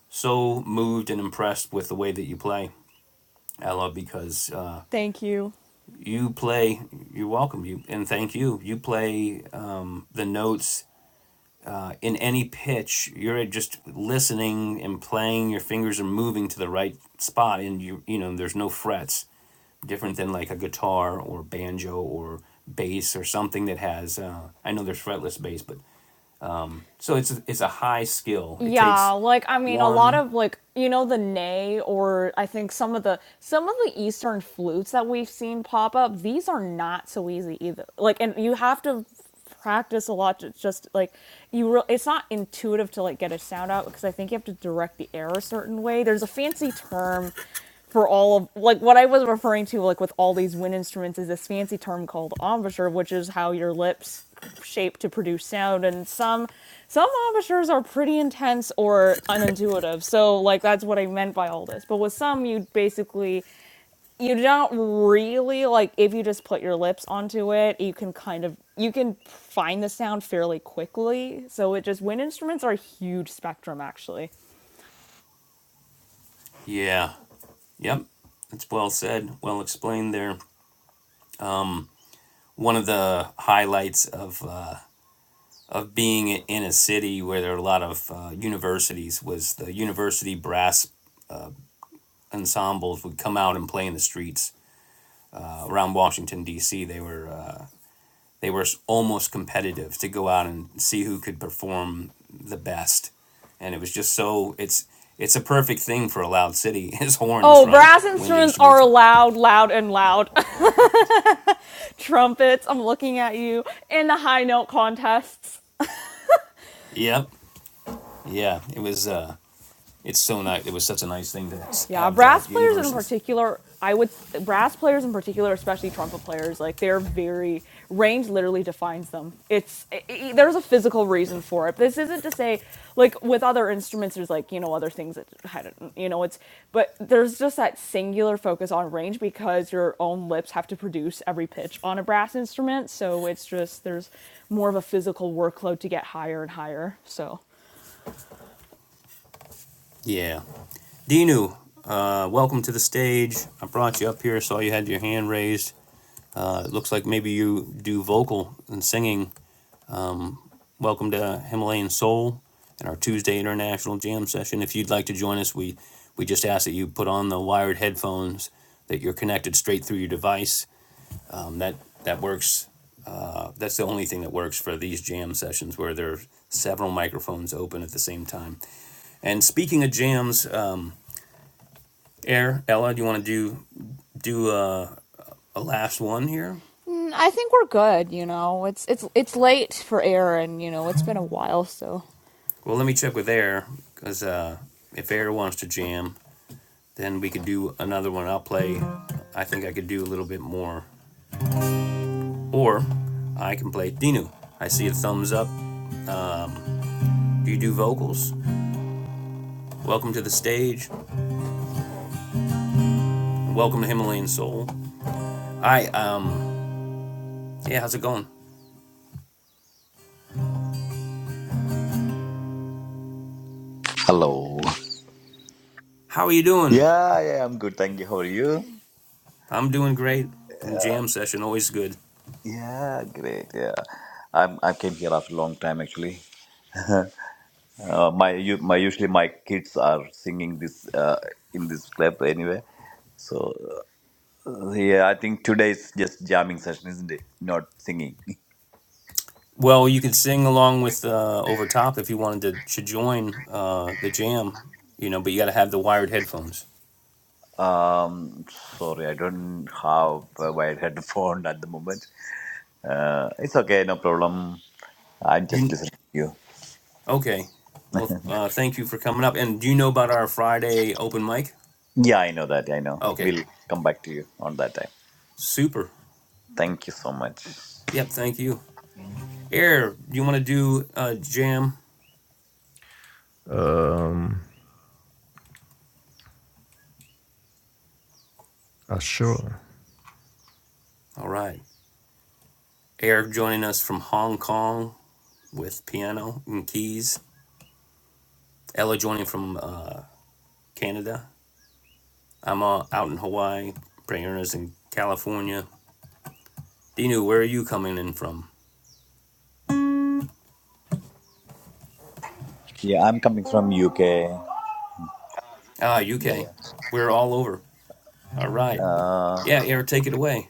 Speaker 2: so moved and impressed with the way that you play, Ella, because uh,
Speaker 3: Thank you.
Speaker 2: you play. You're welcome. You and thank you. You play um, the notes in any pitch you're just listening and playing your fingers are moving to the right spot and you you know there's no frets different than like a guitar or banjo or bass or something that has uh, i know there's fretless bass but so it's it's a high skill it
Speaker 3: Yeah,
Speaker 2: takes
Speaker 3: like I mean, a lot
Speaker 2: one
Speaker 3: of like you know the nay or I think some of the some of the Eastern flutes that we've seen pop up. These are not so easy either. Like, and you have to practice a lot to just like you. Re- it's not intuitive to like get a sound out because I think you have to direct the air a certain way. There's a fancy term for all of like what I was referring to like with all these wind instruments is this fancy term called embouchure, which is how your lips shape to produce sound and some some embouchures are pretty intense or unintuitive so like that's what i meant by all this but with some you basically you don't really like if you just put your lips onto it you can kind of you can find the sound fairly quickly so it just wind instruments are a huge spectrum actually
Speaker 2: yeah yep it's well said well explained there one of the highlights of uh, of being in a city where there are a lot of uh, universities was the university brass ensembles would come out and play in the streets uh, around Washington D.C. They were uh, they were almost competitive to go out and see who could perform the best, and it was just so it's it's a perfect thing for a loud city (laughs) His horns
Speaker 3: Oh,
Speaker 2: right
Speaker 3: brass
Speaker 2: wind
Speaker 3: instruments
Speaker 2: instruments
Speaker 3: are loud, loud, and loud. (laughs) Trumpets, I'm looking at you. in the high note contests.
Speaker 2: yep yeah it was uh it's so nice it was such a nice thing to
Speaker 3: Yeah,
Speaker 2: have the
Speaker 3: brass players in
Speaker 2: universities
Speaker 3: particular, I would brass players in particular, especially trumpet players, like they're very range literally defines them. It's i i there's a physical reason for it. This isn't to say like with other instruments, there's like you know other things that I don't you know it's but there's just that singular focus on range because your own lips have to produce every pitch on a brass instrument, so it's just there's more of a physical workload to get higher and higher. So.
Speaker 2: yeah Dinu uh welcome to the stage I brought you up here saw you had your hand raised uh it looks like maybe you do vocal and singing Welcome to Himalayan Soul and our Tuesday International Jam session. If you'd like to join us, we, we just ask that you put on the wired headphones, that you're connected straight through your device. Um, that, that works. Uh, that's the only thing that works for these jam sessions where there are several microphones open at the same time. And speaking of jams, uh, Air, Ella, do you want to do, do uh, a last one here?
Speaker 3: Mm, I think we're good. You know, it's it's it's late for air, and you know it's been a while. So,
Speaker 2: Well, let me check with Air because uh, if Air wants to jam, then we could do another one. I'll play, I think I could do a little bit more. Or I can play Dinu. I see a thumbs up. Do you do vocals? Welcome to the stage. Welcome to Himalayan Soul. I, um, yeah, how's it going?
Speaker 5: Hello.
Speaker 2: How are you doing?
Speaker 5: Yeah, yeah, I'm good. Thank you. How are you?
Speaker 2: I'm doing great. Jam session, always good.
Speaker 5: Yeah, great. Yeah, I'm. I came here after a long time actually. Uh, my u- my usually my kids are singing this uh, in this club anyway. So uh, yeah, I think today is just jamming session, isn't it? Not singing. (laughs)
Speaker 2: Well, you could sing along with uh, over top if you wanted to, to join uh, the jam, you know, but you got to have the wired headphones.
Speaker 5: Um, sorry, I don't have a wired headphone at the moment. Uh, it's okay, no problem. I'm just
Speaker 2: You
Speaker 5: listening to you.
Speaker 2: okay? Well, uh, thank you for coming up. And do you know about our Friday open mic?
Speaker 5: Yeah, I know that. I know.
Speaker 2: Okay,
Speaker 5: We'll come back to you on that time.
Speaker 2: super.
Speaker 5: Thank you so much.
Speaker 2: Yep, thank you. Air, you want to do a jam?
Speaker 4: Um, uh, sure.
Speaker 2: All right. Air joining us from Hong Kong with piano and keys. Ella joining from uh, Canada. I'm uh, out in Hawaii. Prayerna's in California. Dinu, where are you coming in from?
Speaker 5: Yeah, I'm coming from UK. Yeah,
Speaker 2: Ah, UK.
Speaker 5: yeah.
Speaker 2: We're all over. All right.
Speaker 5: Uh,
Speaker 2: Yeah, Air, take it away.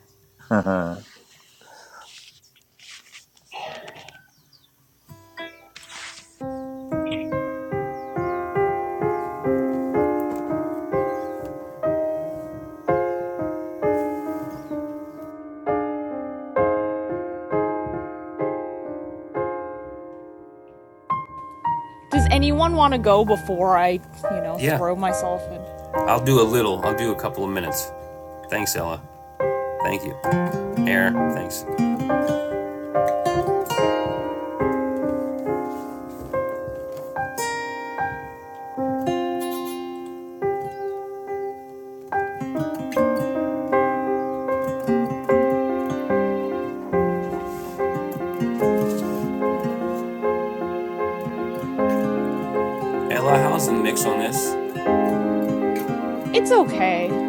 Speaker 3: does anyone want to go before I, you know,
Speaker 2: Yeah,
Speaker 3: throw myself in?
Speaker 2: I'll do a little. I'll do a couple of minutes. Thanks, Ella. Thank you. Air, thanks. Ella, how's the mix on this?
Speaker 3: It's okay.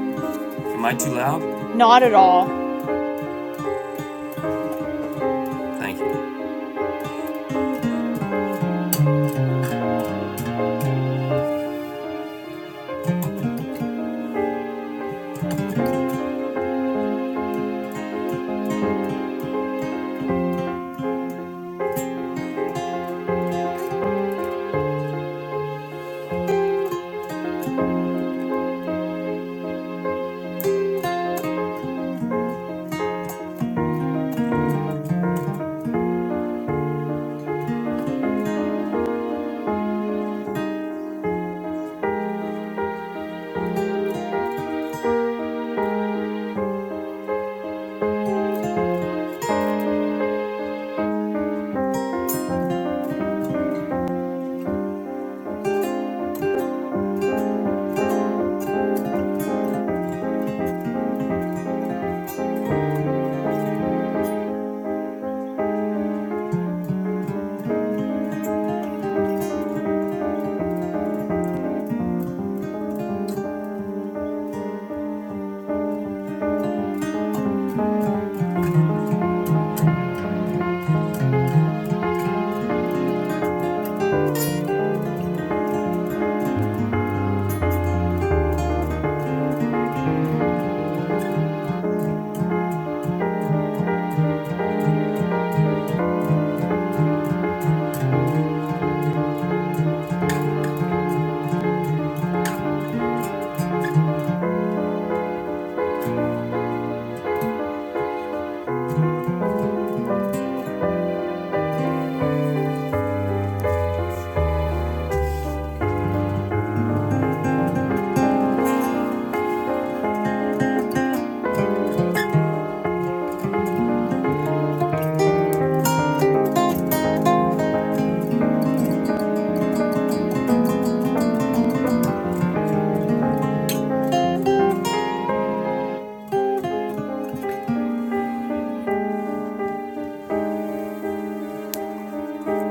Speaker 2: Am I too loud?
Speaker 3: Not at all.
Speaker 2: Thank you.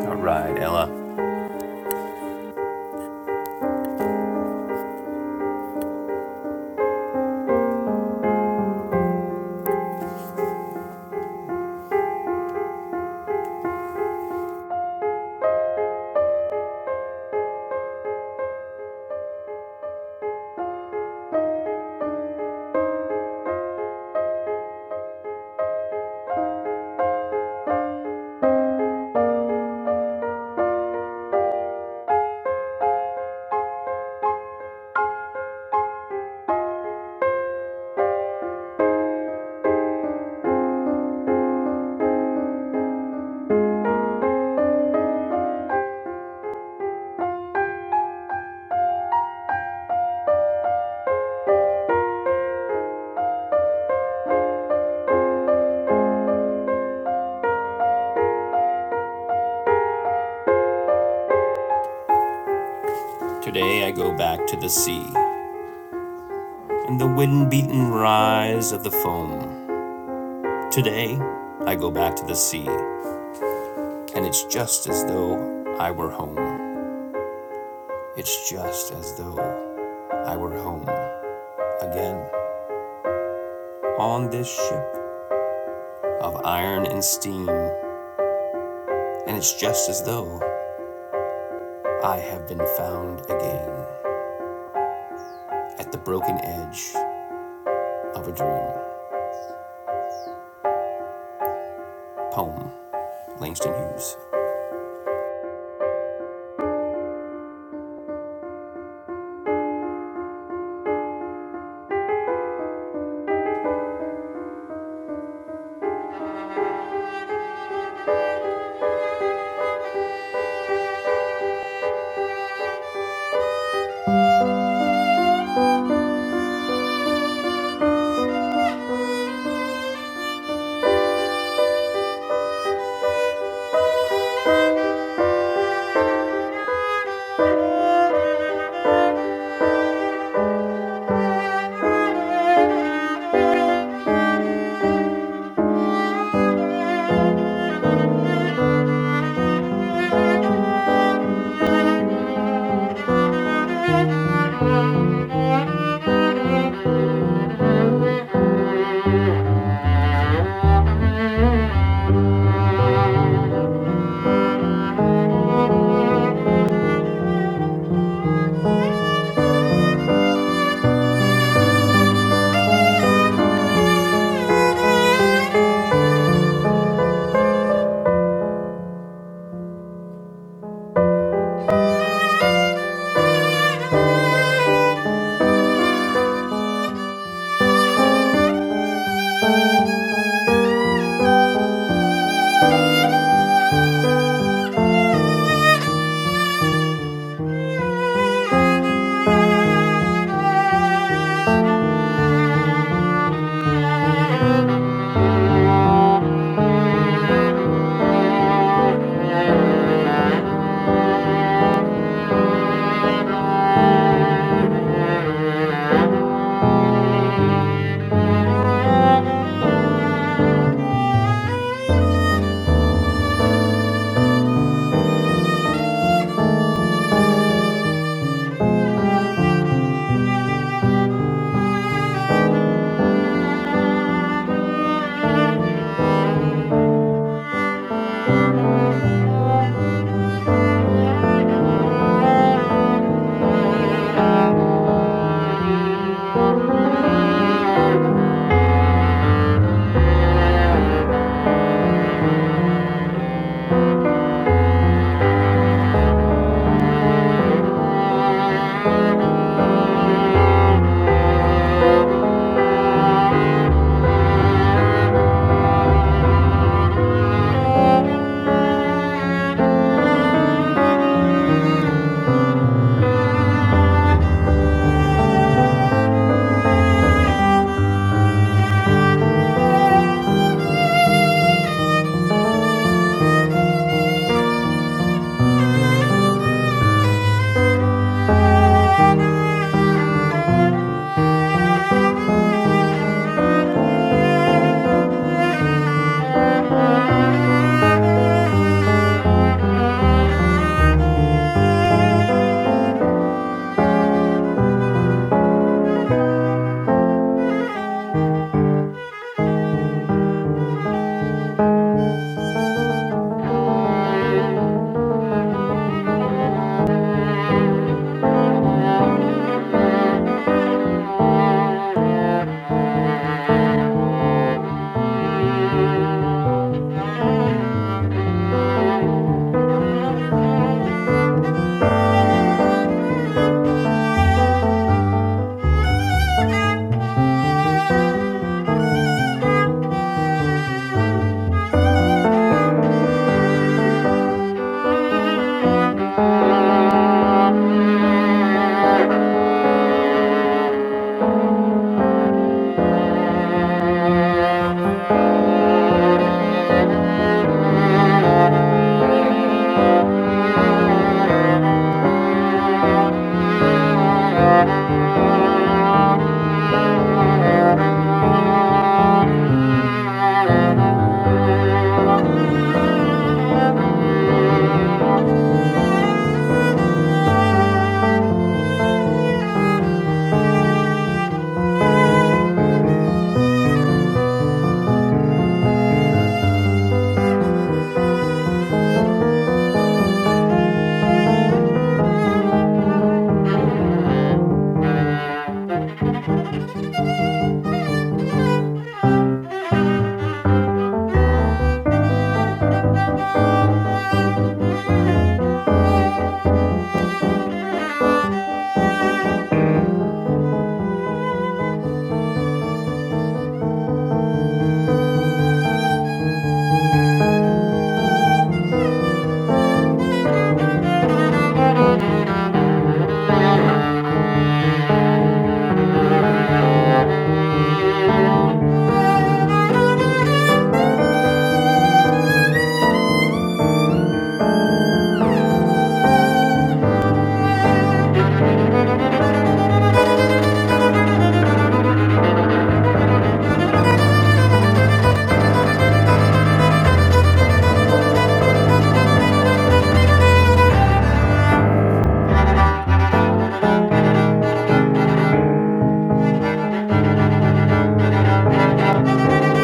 Speaker 2: All right, Ella. Today I go back to the sea and the wind beaten rise of the foam. Today I go back to the sea, and it's just as though I were home. It's just as though I were home again on this ship of iron and steam, and it's just as though I have been found again at the broken edge of a dream. Poem Langston Hughes. (laughs)
Speaker 3: Thank you. Thank you. Thank you. Thank you. Thank you. Thank you. Thank you. Thank you. Thank you. Thank you. Thank you. Thank you. Thank you.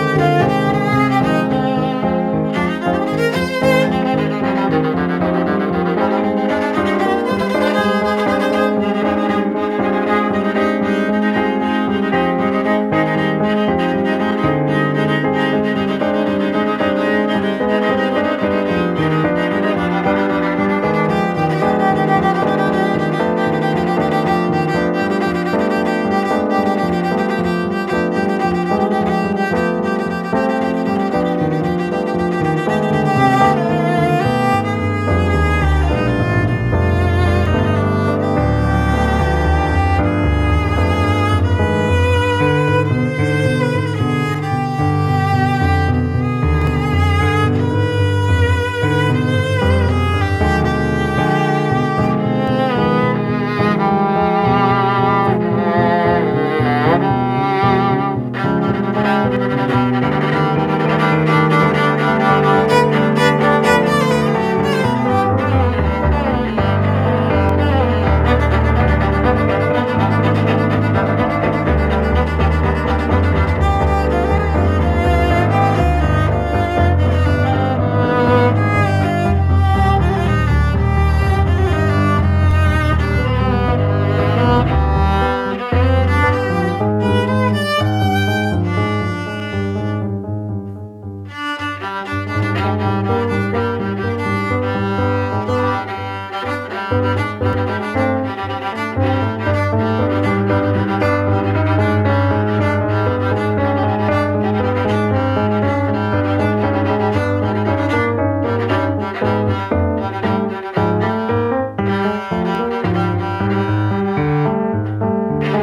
Speaker 3: Thank you. Thank you.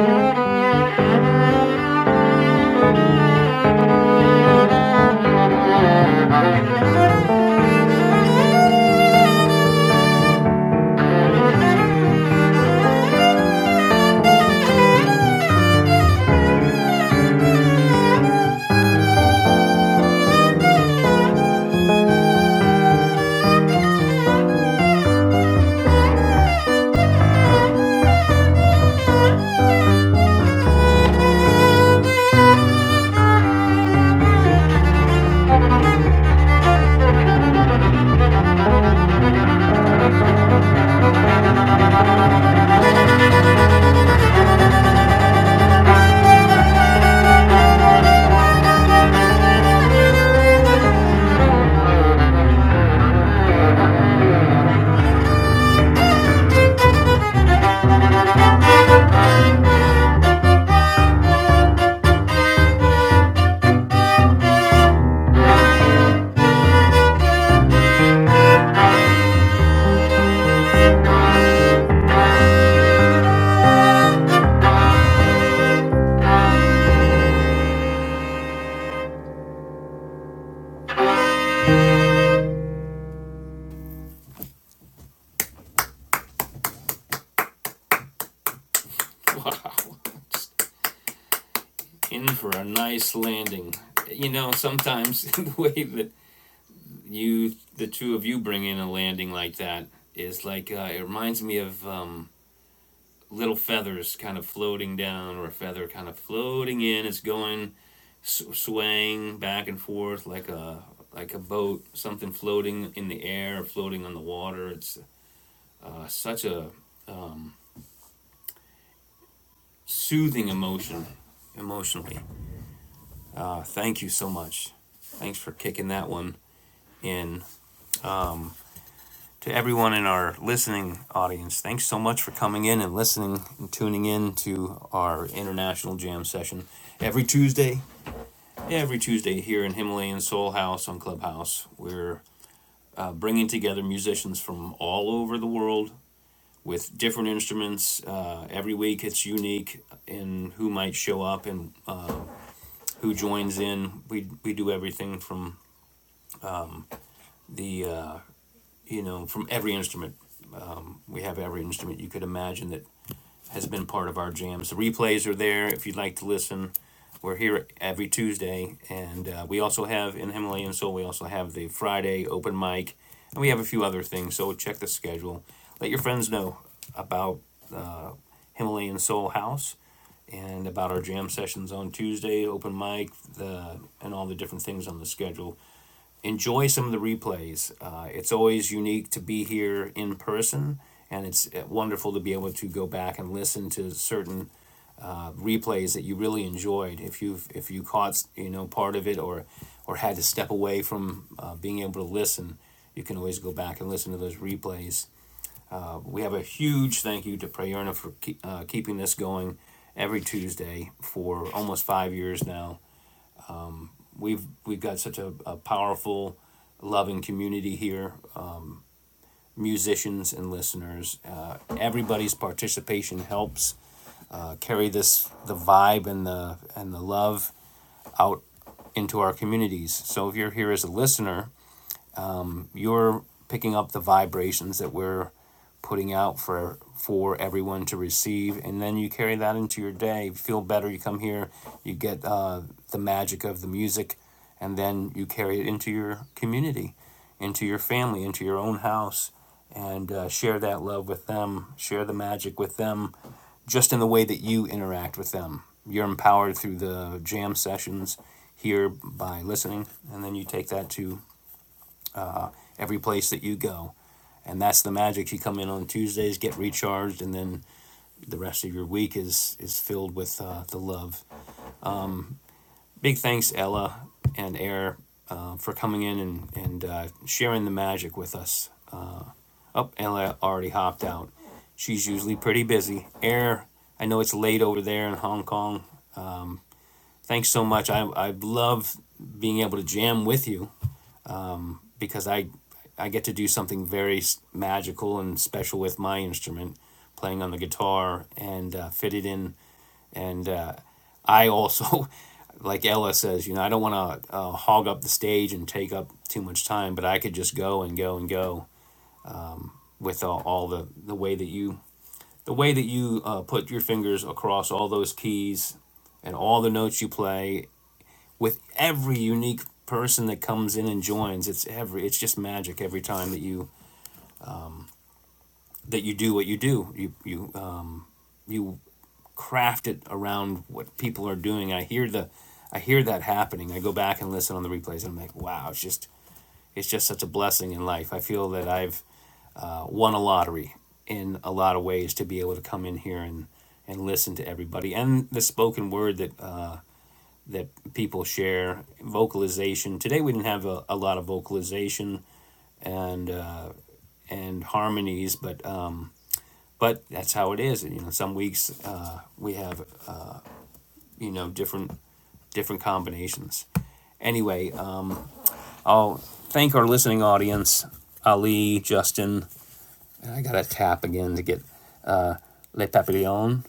Speaker 3: Thank you. Thank you. Thank you. Thank you.
Speaker 2: Wow. in for a nice landing. You know, sometimes (laughs) the way that you, the two of you, bring in a landing like that is like uh, it reminds me of um, little feathers kind of floating down, or a feather kind of floating in. It's going sw- swaying back and forth like a like a boat, something floating in the air, floating on the water. It's uh, such a soothing emotion, emotionally. Uh, thank you so much. Thanks for kicking that one in. to everyone in our listening audience. Thanks so much for coming in and listening and tuning in to our international jam session every Tuesday. Every Tuesday here in Himalayan Soul House on Clubhouse, we're uh, bringing together musicians from all over the world with different instruments. Uh, every week, it's unique in who might show up and uh, who joins in. We we do everything from the uh, you know from every instrument. We have every instrument you could imagine that has been part of our jams. The replays are there if you'd like to listen. We're here every Tuesday, and uh, we also have in Himalayan Soul. We also have the Friday open mic, and we have a few other things. So check the schedule. Let your friends know about uh, Himalayan Soul House and about our jam sessions on Tuesday, open mic, the, and all the different things on the schedule enjoy some of the replays. Uh, it's always unique to be here in person, and it's uh, wonderful to be able to go back and listen to certain uh, replays that you really enjoyed. If you have if you caught you know part of it or or had to step away from uh, being able to listen, you can always go back and listen to those replays. Uh, we have a huge thank you to Prayerna for keep, uh, keeping this going every Tuesday for almost five years now. We've we've got such a, a powerful, loving community here, uh, musicians and listeners. Uh, everybody's participation helps uh, carry this the vibe and the and the love out into our communities. So if you're here as a listener you're picking up the vibrations that we're putting out for for everyone to receive and then you carry that into your day you feel better you come here you get uh, the magic of the music and then you carry it into your community into your family into your own house and uh, share that love with them share the magic with them just in the way that you interact with them you're empowered through the jam sessions here by listening and then you take that to every place that you go. And that's the magic. You come in on Tuesdays, get recharged, and then the rest of your week is is filled with uh, the love. Big thanks, Ella and Air, uh, for coming in and and uh, sharing the magic with us. Oh, Ella already hopped out. She's usually pretty busy. Air, I know it's late over there in Hong Kong. Thanks so much. I I love being able to jam with you because I I get to do something very magical and special with my instrument, playing on the guitar and uh, fit it in, and uh, I also, (laughs) like Ella says, you know, I don't want to uh, hog up the stage and take up too much time, but I could just go and go and go with all, all the the way that you the way that you uh, put your fingers across all those keys and all the notes you play with every unique person that comes in and joins it's every it's just magic every time that you that you do what you do. You you uh, you craft it around what people are doing. I hear the I hear that happening. I go back and listen on the replays, and I'm like, wow, it's just it's just such a blessing in life. I feel that I've uh, won a lottery in a lot of ways to be able to come in here and and listen to everybody and the spoken word that uh, that people share vocalization today we didn't have a, a lot of vocalization and uh, and harmonies but Um, but that's how it is. And you know, some weeks uh, we have you know different different combinations. Anyway, uh, I'll thank our listening audience, Ali, Justin. I gotta tap again to get Le Papillon,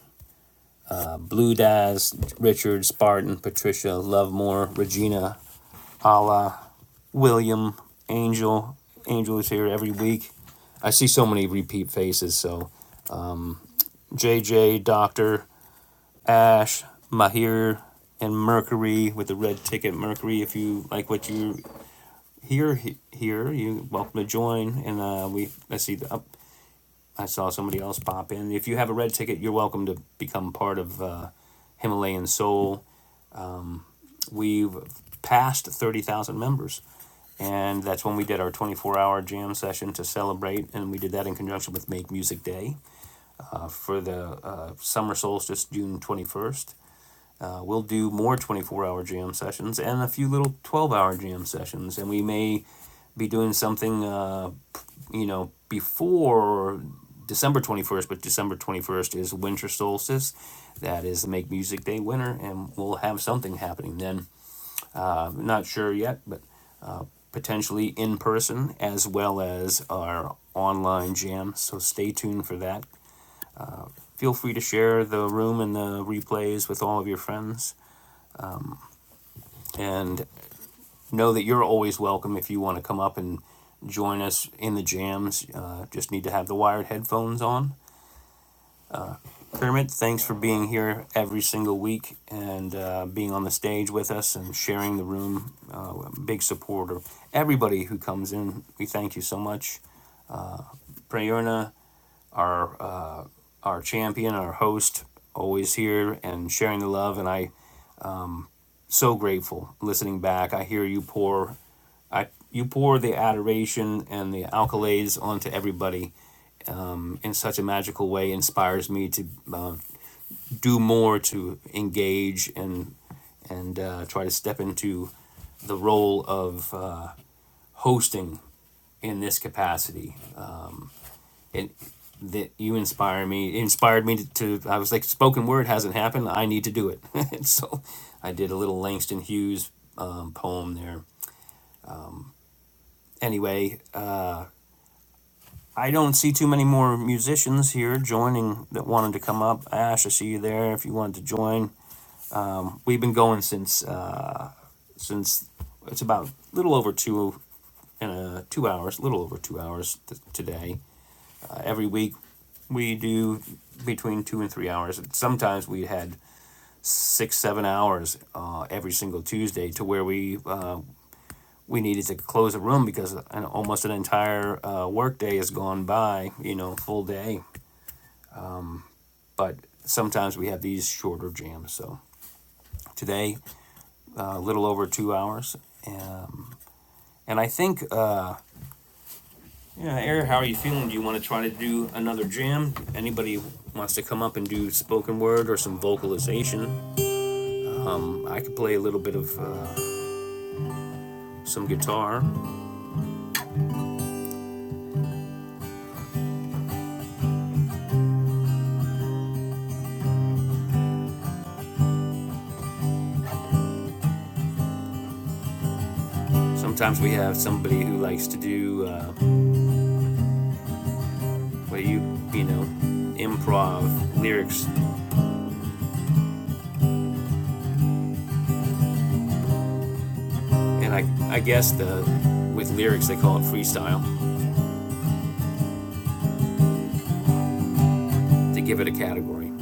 Speaker 2: Blue Daz, Richard, Spartan, Patricia, Lovemore, Regina, Ala, William, Angel. Angel is here every week. I see so many repeat faces. So J J, Doctor, Ash, Mahir, and Mercury with the red ticket. Mercury, if you like what you hear he- here, you welcome to join. And uh, we let's see. Up, I saw somebody else pop in. If you have a red ticket, you're welcome to become part of uh, Himalayan Soul. We've passed thirty thousand members. And that's when we did our 24 hour jam session to celebrate. And we did that in conjunction with Make Music Day uh, for the uh, summer solstice, June 21st. Uh, we'll do more 24 hour jam sessions and a few little 12 hour jam sessions. And we may be doing something, uh, you know, before December 21st, but December 21st is winter solstice. That is Make Music Day winter, and we'll have something happening then. Uh, not sure yet, but uh, potentially in person as well as our online jam. So stay tuned for that. Feel free to share the room and the replays with all of your friends. And know that you're always welcome if you want to come up and join us in the jams. Uh, just need to have the wired headphones on. Kermit, thanks for being here every single week and uh, being on the stage with us and sharing the room. Uh, big supporter. Everybody who comes in, we thank you so much. Prayerna, our uh, our champion, our host, always here and sharing the love. And I so grateful listening back. I hear you pour, I you pour the adoration and the accolades onto everybody in such a magical way. Inspires me to uh, do more to engage and and uh, try to step into the role of uh, hosting in this capacity. And that you inspire me, it inspired me to, to. I was like, spoken word hasn't happened. I need to do it. (laughs) and so, I did a little Langston Hughes um, poem there anyway, uh, I don't see too many more musicians here joining that wanted to come up. Ash, I see you there. If you wanted to join, we've been going since uh, since it's about a little over two and uh, two hours, a little over two hours t- today. Uh, every week we do between two and three hours. Sometimes we had six, seven hours uh, every single Tuesday to where we uh, we needed to close a room because an, almost an entire uh, work day has gone by, you know, full day. But sometimes we have these shorter jams. So today, uh, a little over two hours. Um, and I think, uh, yeah, Eric, how are you feeling? Do you want to try to do another jam? Anybody wants to come up and do spoken word or some vocalization? I could play a little bit of uh, some guitar. Sometimes we have somebody who likes to do uh, where you, you know, improv lyrics And I, I guess the, with lyrics, they call it freestyle to give it a category.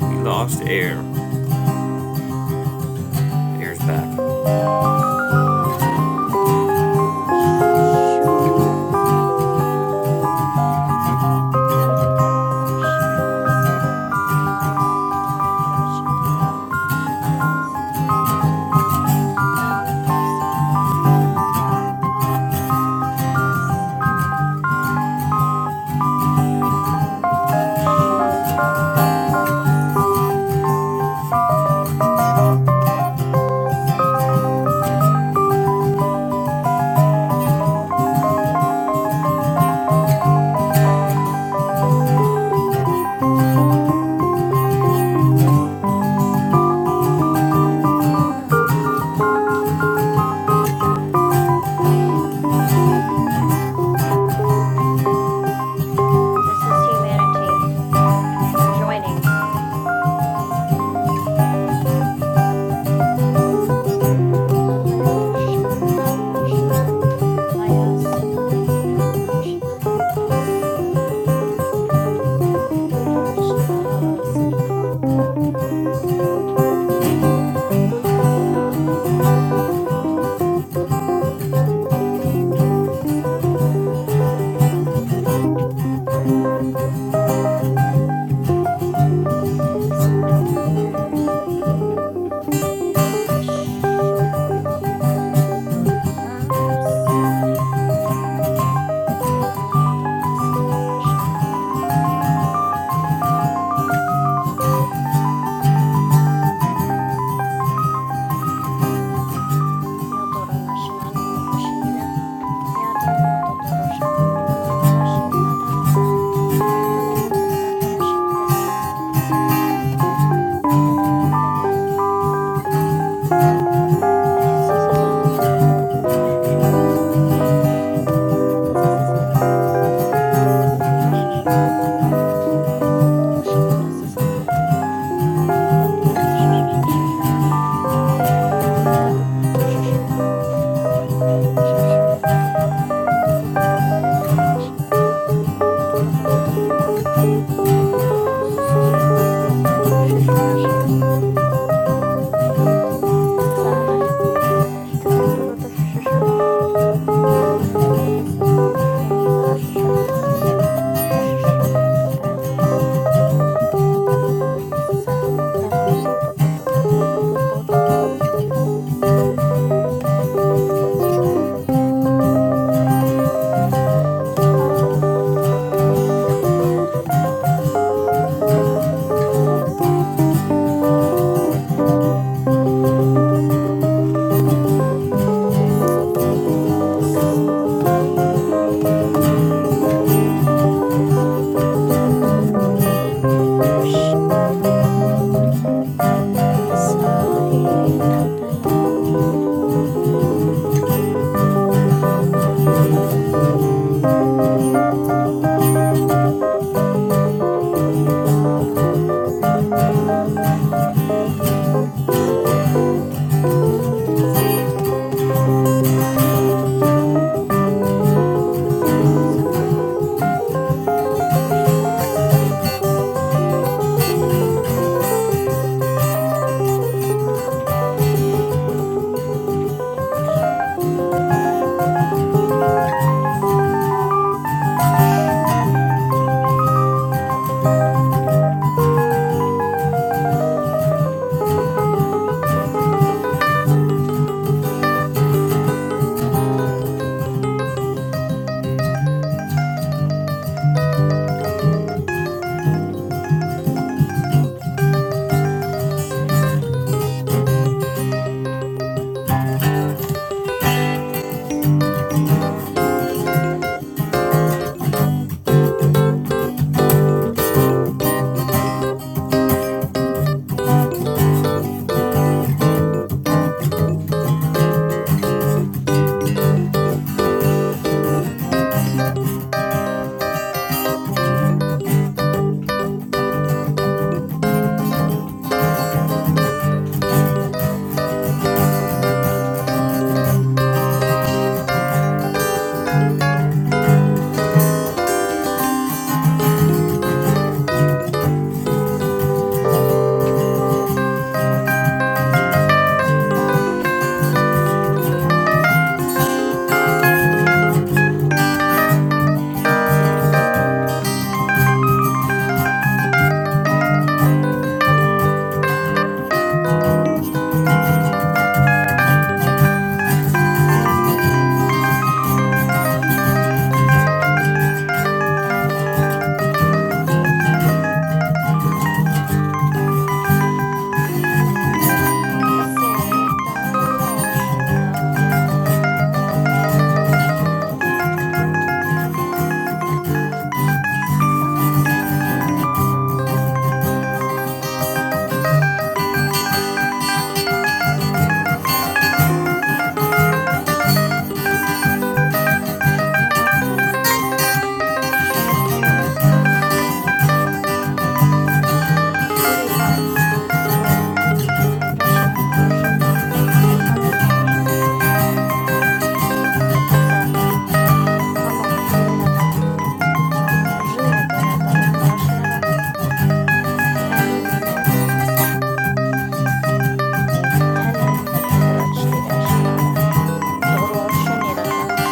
Speaker 2: We lost air. Air's back.
Speaker 6: Darshana. Niridano darshana sana. Ayatano darshana. Ayasatano. Namita satsana. Ayasa. Arashana. Asandari. Anata satana. This is humanity joining. Nalilushandarashna, I am Sayashuna Ayasunari Yavanatanasanonashanaya Yo toro nasina, num toro shinira. Ya tanomoto toro shina. Tanomda rashine ra ta desa. Yo tanom dovrutan da rashina desa sasa yo tototo. Yo ta tanameter karana. Desa sasa yo tototo toro shina. Desa sasa yo tototo tototo tototo. Hira shina. Yo tototo moto toro shina desa sasa yo tototo. Hira dovrutashina. Yo tototo toro shina. Shina tototo tototo tototo tototo toro shina. Do do do do do do do do do do do do do do do. Sh sh sh sh sh na sh na. Ah sh sh na. He da dum do do do sh sh sh na. Ira ra da sa da na da na da ah sh sh sh sh sh na da da. Sh sh. He da dum do do do do do do do do do do. Ah sh. Nasunari Ayashna Sahinatano Aya Ayashna Sunday, Sunday, Shana, Nishna, Ashunari, Asunari, Tanoshana. Sana, sana, ayushunya. Hiritan, to rashana, rana, tanumna, rashana, sasa, dasa, tanu, nimera tanum, rana dari, tanum rashnara, tanu. Tendrachstira Shanada. Doro Shanira Tanum.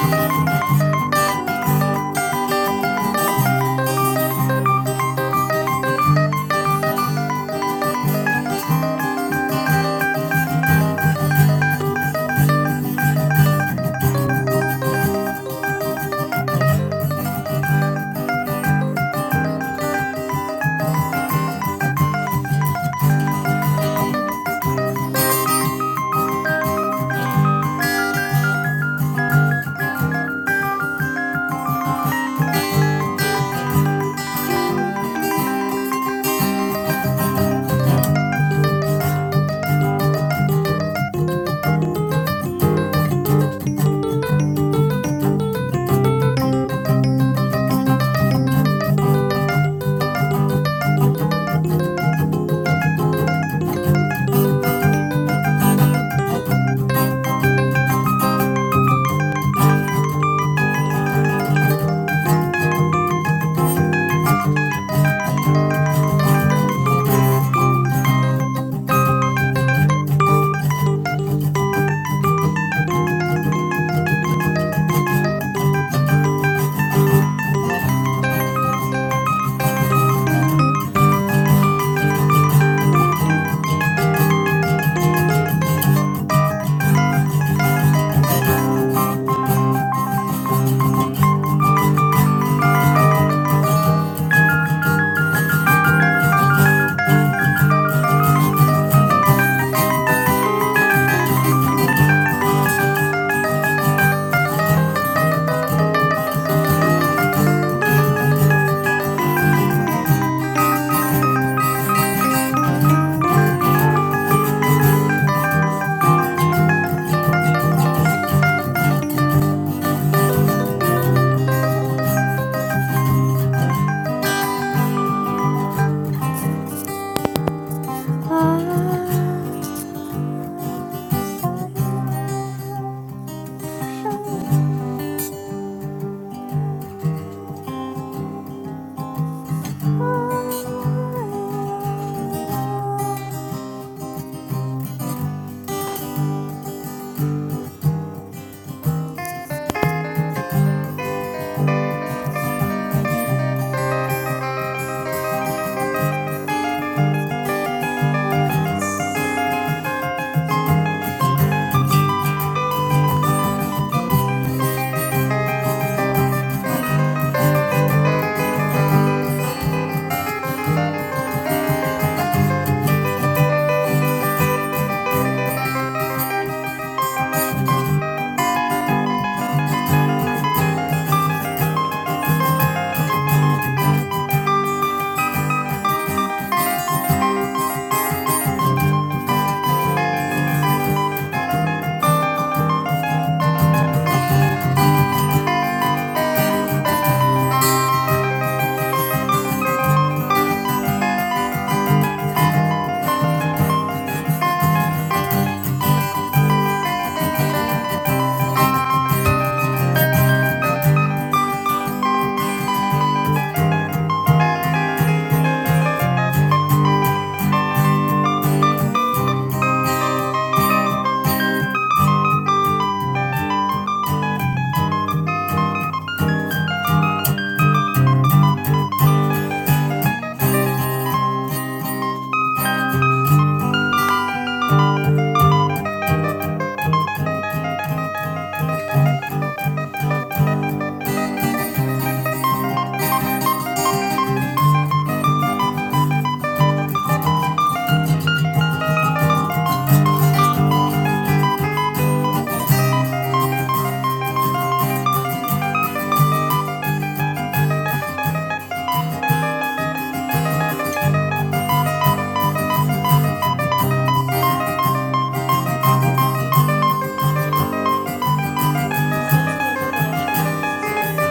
Speaker 6: Satsuno to doroshina, susunari.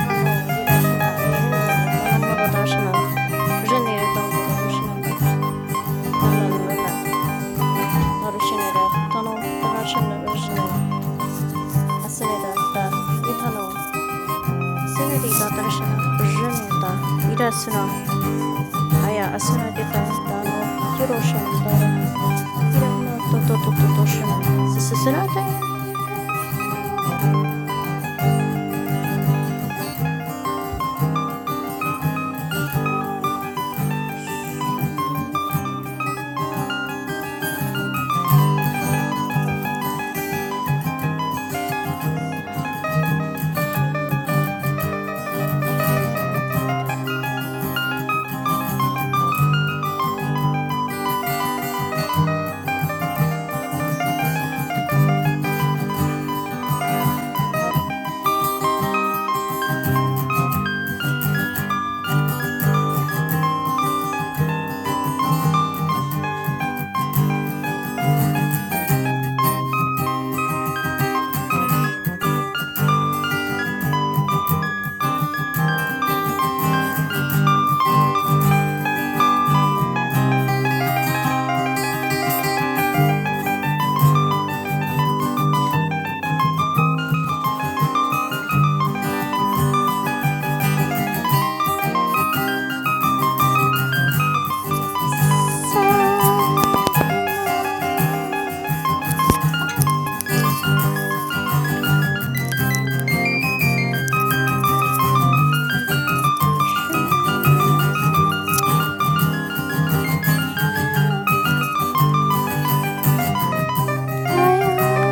Speaker 6: Tano dirashina, jina tanomaro darshina. Jinire don doroshina. Nala luna. Narushinira, tano darashina, jinira. Asunira, da, itano. Sunari da darshina, jinita. Ira suna. Aya asuna dita, dano. Kiroshan dara. He don't know. Tututututoshina. Sssunataya. Ayashi. Sa sa sahinashi ni dae na. Sa hinashi ni suna. Ayah. 하였습니다.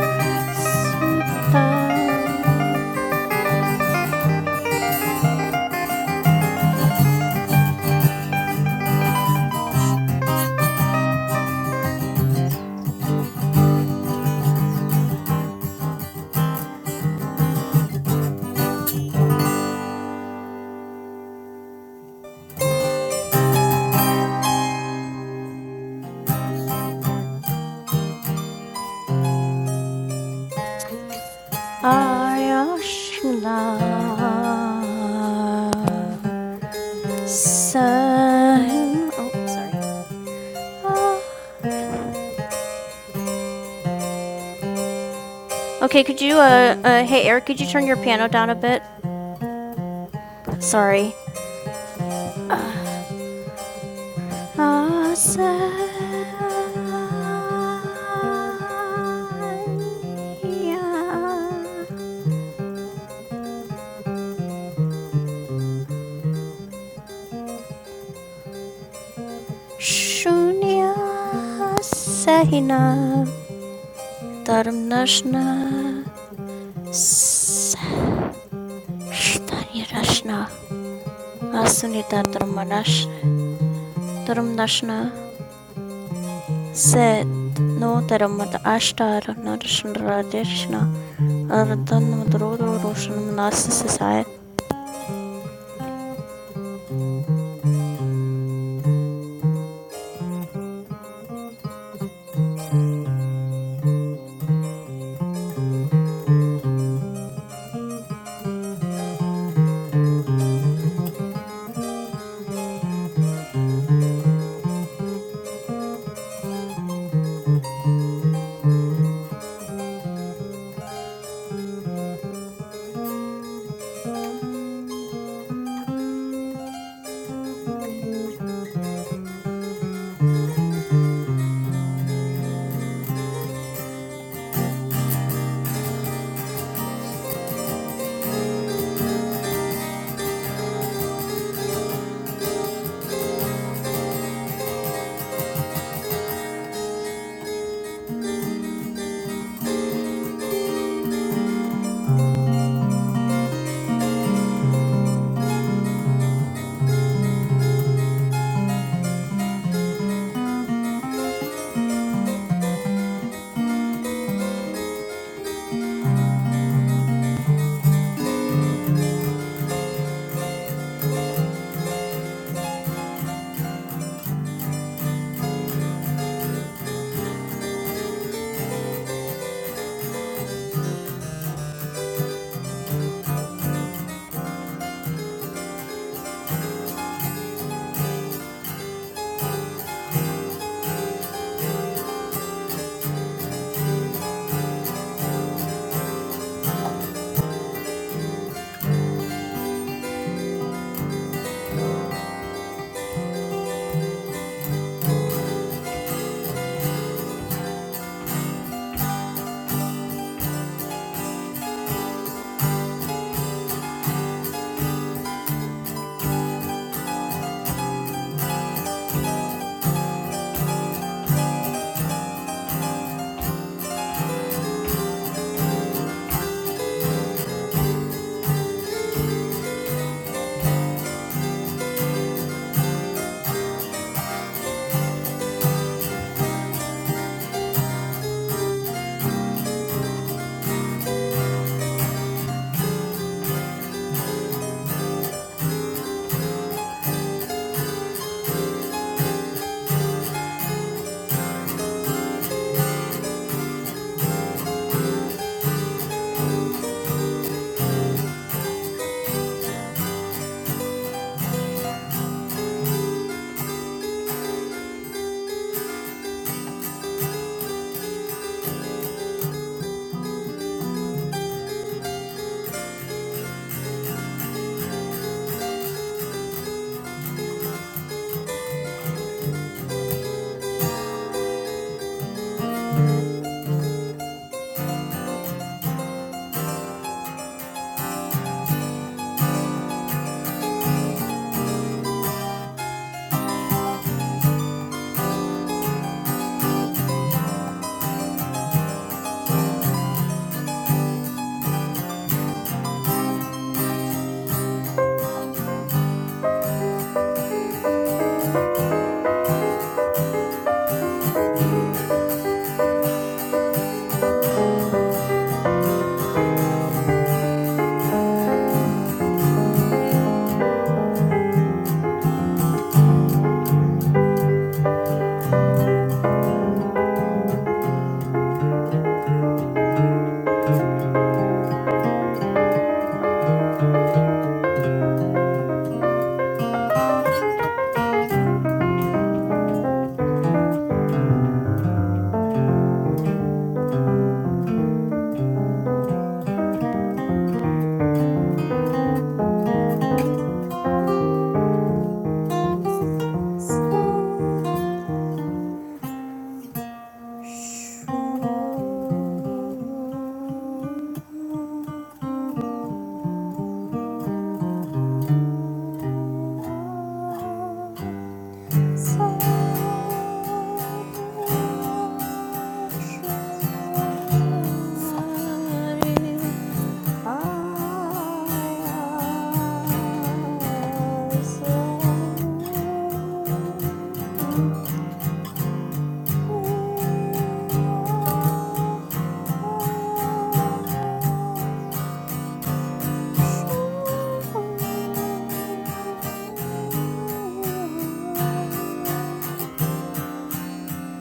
Speaker 6: 하였습니다. Sign. Oh, sorry. Ah. okay, could you, uh, uh, hey Eric, could you turn your piano down a bit? Sorry. Ah, sign. Shunya Sahina Dharam Nashna Shanirashna asunita dharmarash dharmdashna set no dharmad ashtar narashna radeshna ardhan madrodro roshan manasasasaya Sahirashwari Ayasam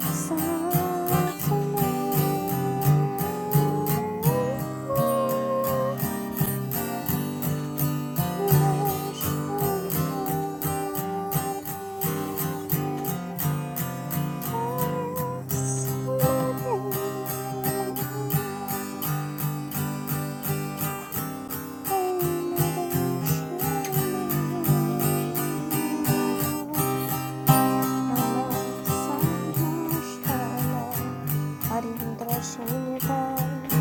Speaker 6: sad Ana sahi nashtana arindra shinitam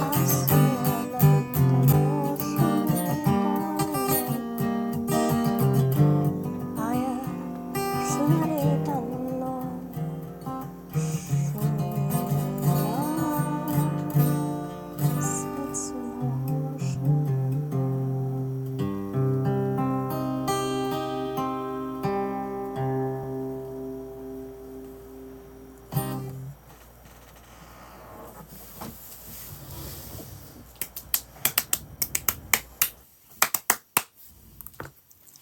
Speaker 6: Asune narita no shune dana aya shunarita no shuna setsu no shuna.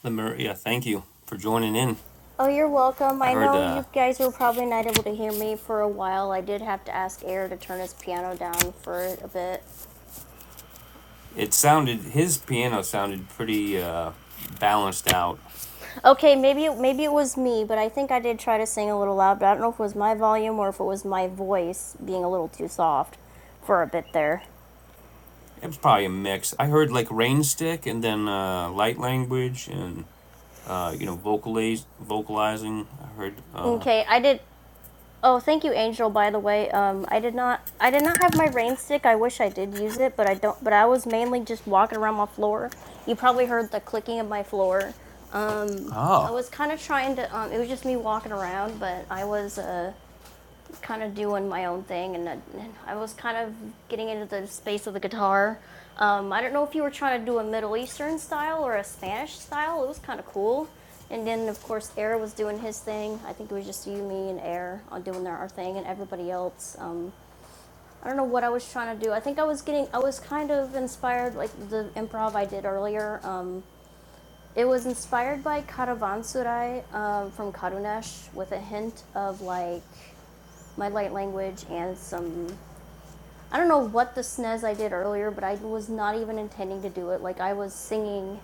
Speaker 2: Lemur, yeah, thank you for joining in.
Speaker 6: Oh, you're welcome.
Speaker 2: I
Speaker 6: I
Speaker 2: heard
Speaker 6: know
Speaker 2: uh,
Speaker 6: you guys were probably not able to hear me for a while. I did have to ask Air to turn his piano down for a bit.
Speaker 2: it sounded, his piano sounded pretty uh, balanced out.
Speaker 6: Okay, maybe maybe it was me, but I think I did try to sing a little loud. But I don't know if it was my volume or if it was my voice being a little too soft for a bit there.
Speaker 2: It was probably a mix. I heard like Rainstick and then uh, light language and, uh, you know, vocalize, vocalizing. I heard, uh,
Speaker 6: Okay, I did. Oh, thank you, Angel. By the way, um, I did not I did not have my rain stick. I wish I did use it, but I don't. But I was mainly just walking around my floor. You probably heard the clicking of my floor. I
Speaker 2: oh.
Speaker 6: was kind of trying to. Um, it was just me walking around, but I was. Uh, kind of doing my own thing, and, uh, and I was kind of getting into the space of the guitar. Um, I don't know if you were trying to do a Middle Eastern style or a Spanish style. It was kind of cool. And then, of course, Air was doing his thing. I think it was just you, me, and Air uh, doing our thing, and everybody else. Um, I don't know what I was trying to do. I think I was getting, I was kind of inspired, like the improv I did earlier. Um, it was inspired by Karavansurai um, from Karunesh with a hint of like my light language and some I don't know what the snez I did earlier, but I was not even intending to do it. Like I was singing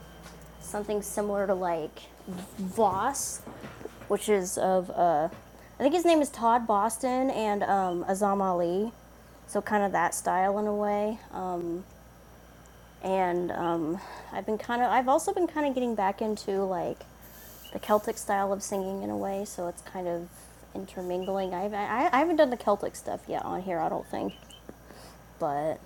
Speaker 6: something similar to like Voss, which is of uh I think his name is Todd Boston and um, Azam Ali, so kind of that style in a way. Um, and um, I've been kind of I've also been kind of getting back into like the Celtic style of singing in a way, so it's kind of intermingling. I've, I I haven't done the Celtic stuff yet on here, I don't think. But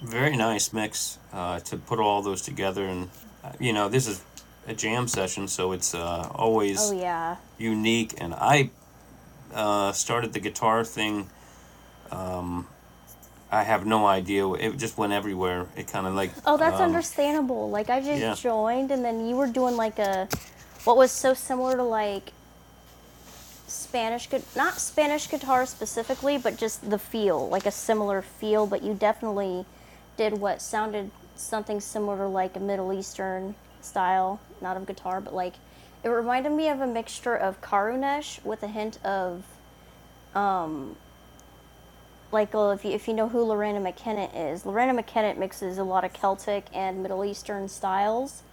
Speaker 2: very nice mix uh, to put all those together and uh, you know this is a jam session so it's uh,
Speaker 6: oh
Speaker 2: always
Speaker 6: yeah.
Speaker 2: unique and i uh, started the guitar thing i have no idea it just went everywhere it kind of like
Speaker 6: Oh,
Speaker 2: uh,
Speaker 6: that's understandable. Like I just
Speaker 2: yeah
Speaker 6: joined and then you were doing like a what was so similar to like Spanish gu- not Spanish guitar specifically, but just the feel, like a similar feel, but you definitely did what sounded something similar to like a Middle Eastern style, not of guitar, but like it reminded me of a mixture of Karunesh with a hint of like uh, if you, if you know who Lorena McKenna is, Lorena McKenna mixes a lot of Celtic and Middle Eastern styles,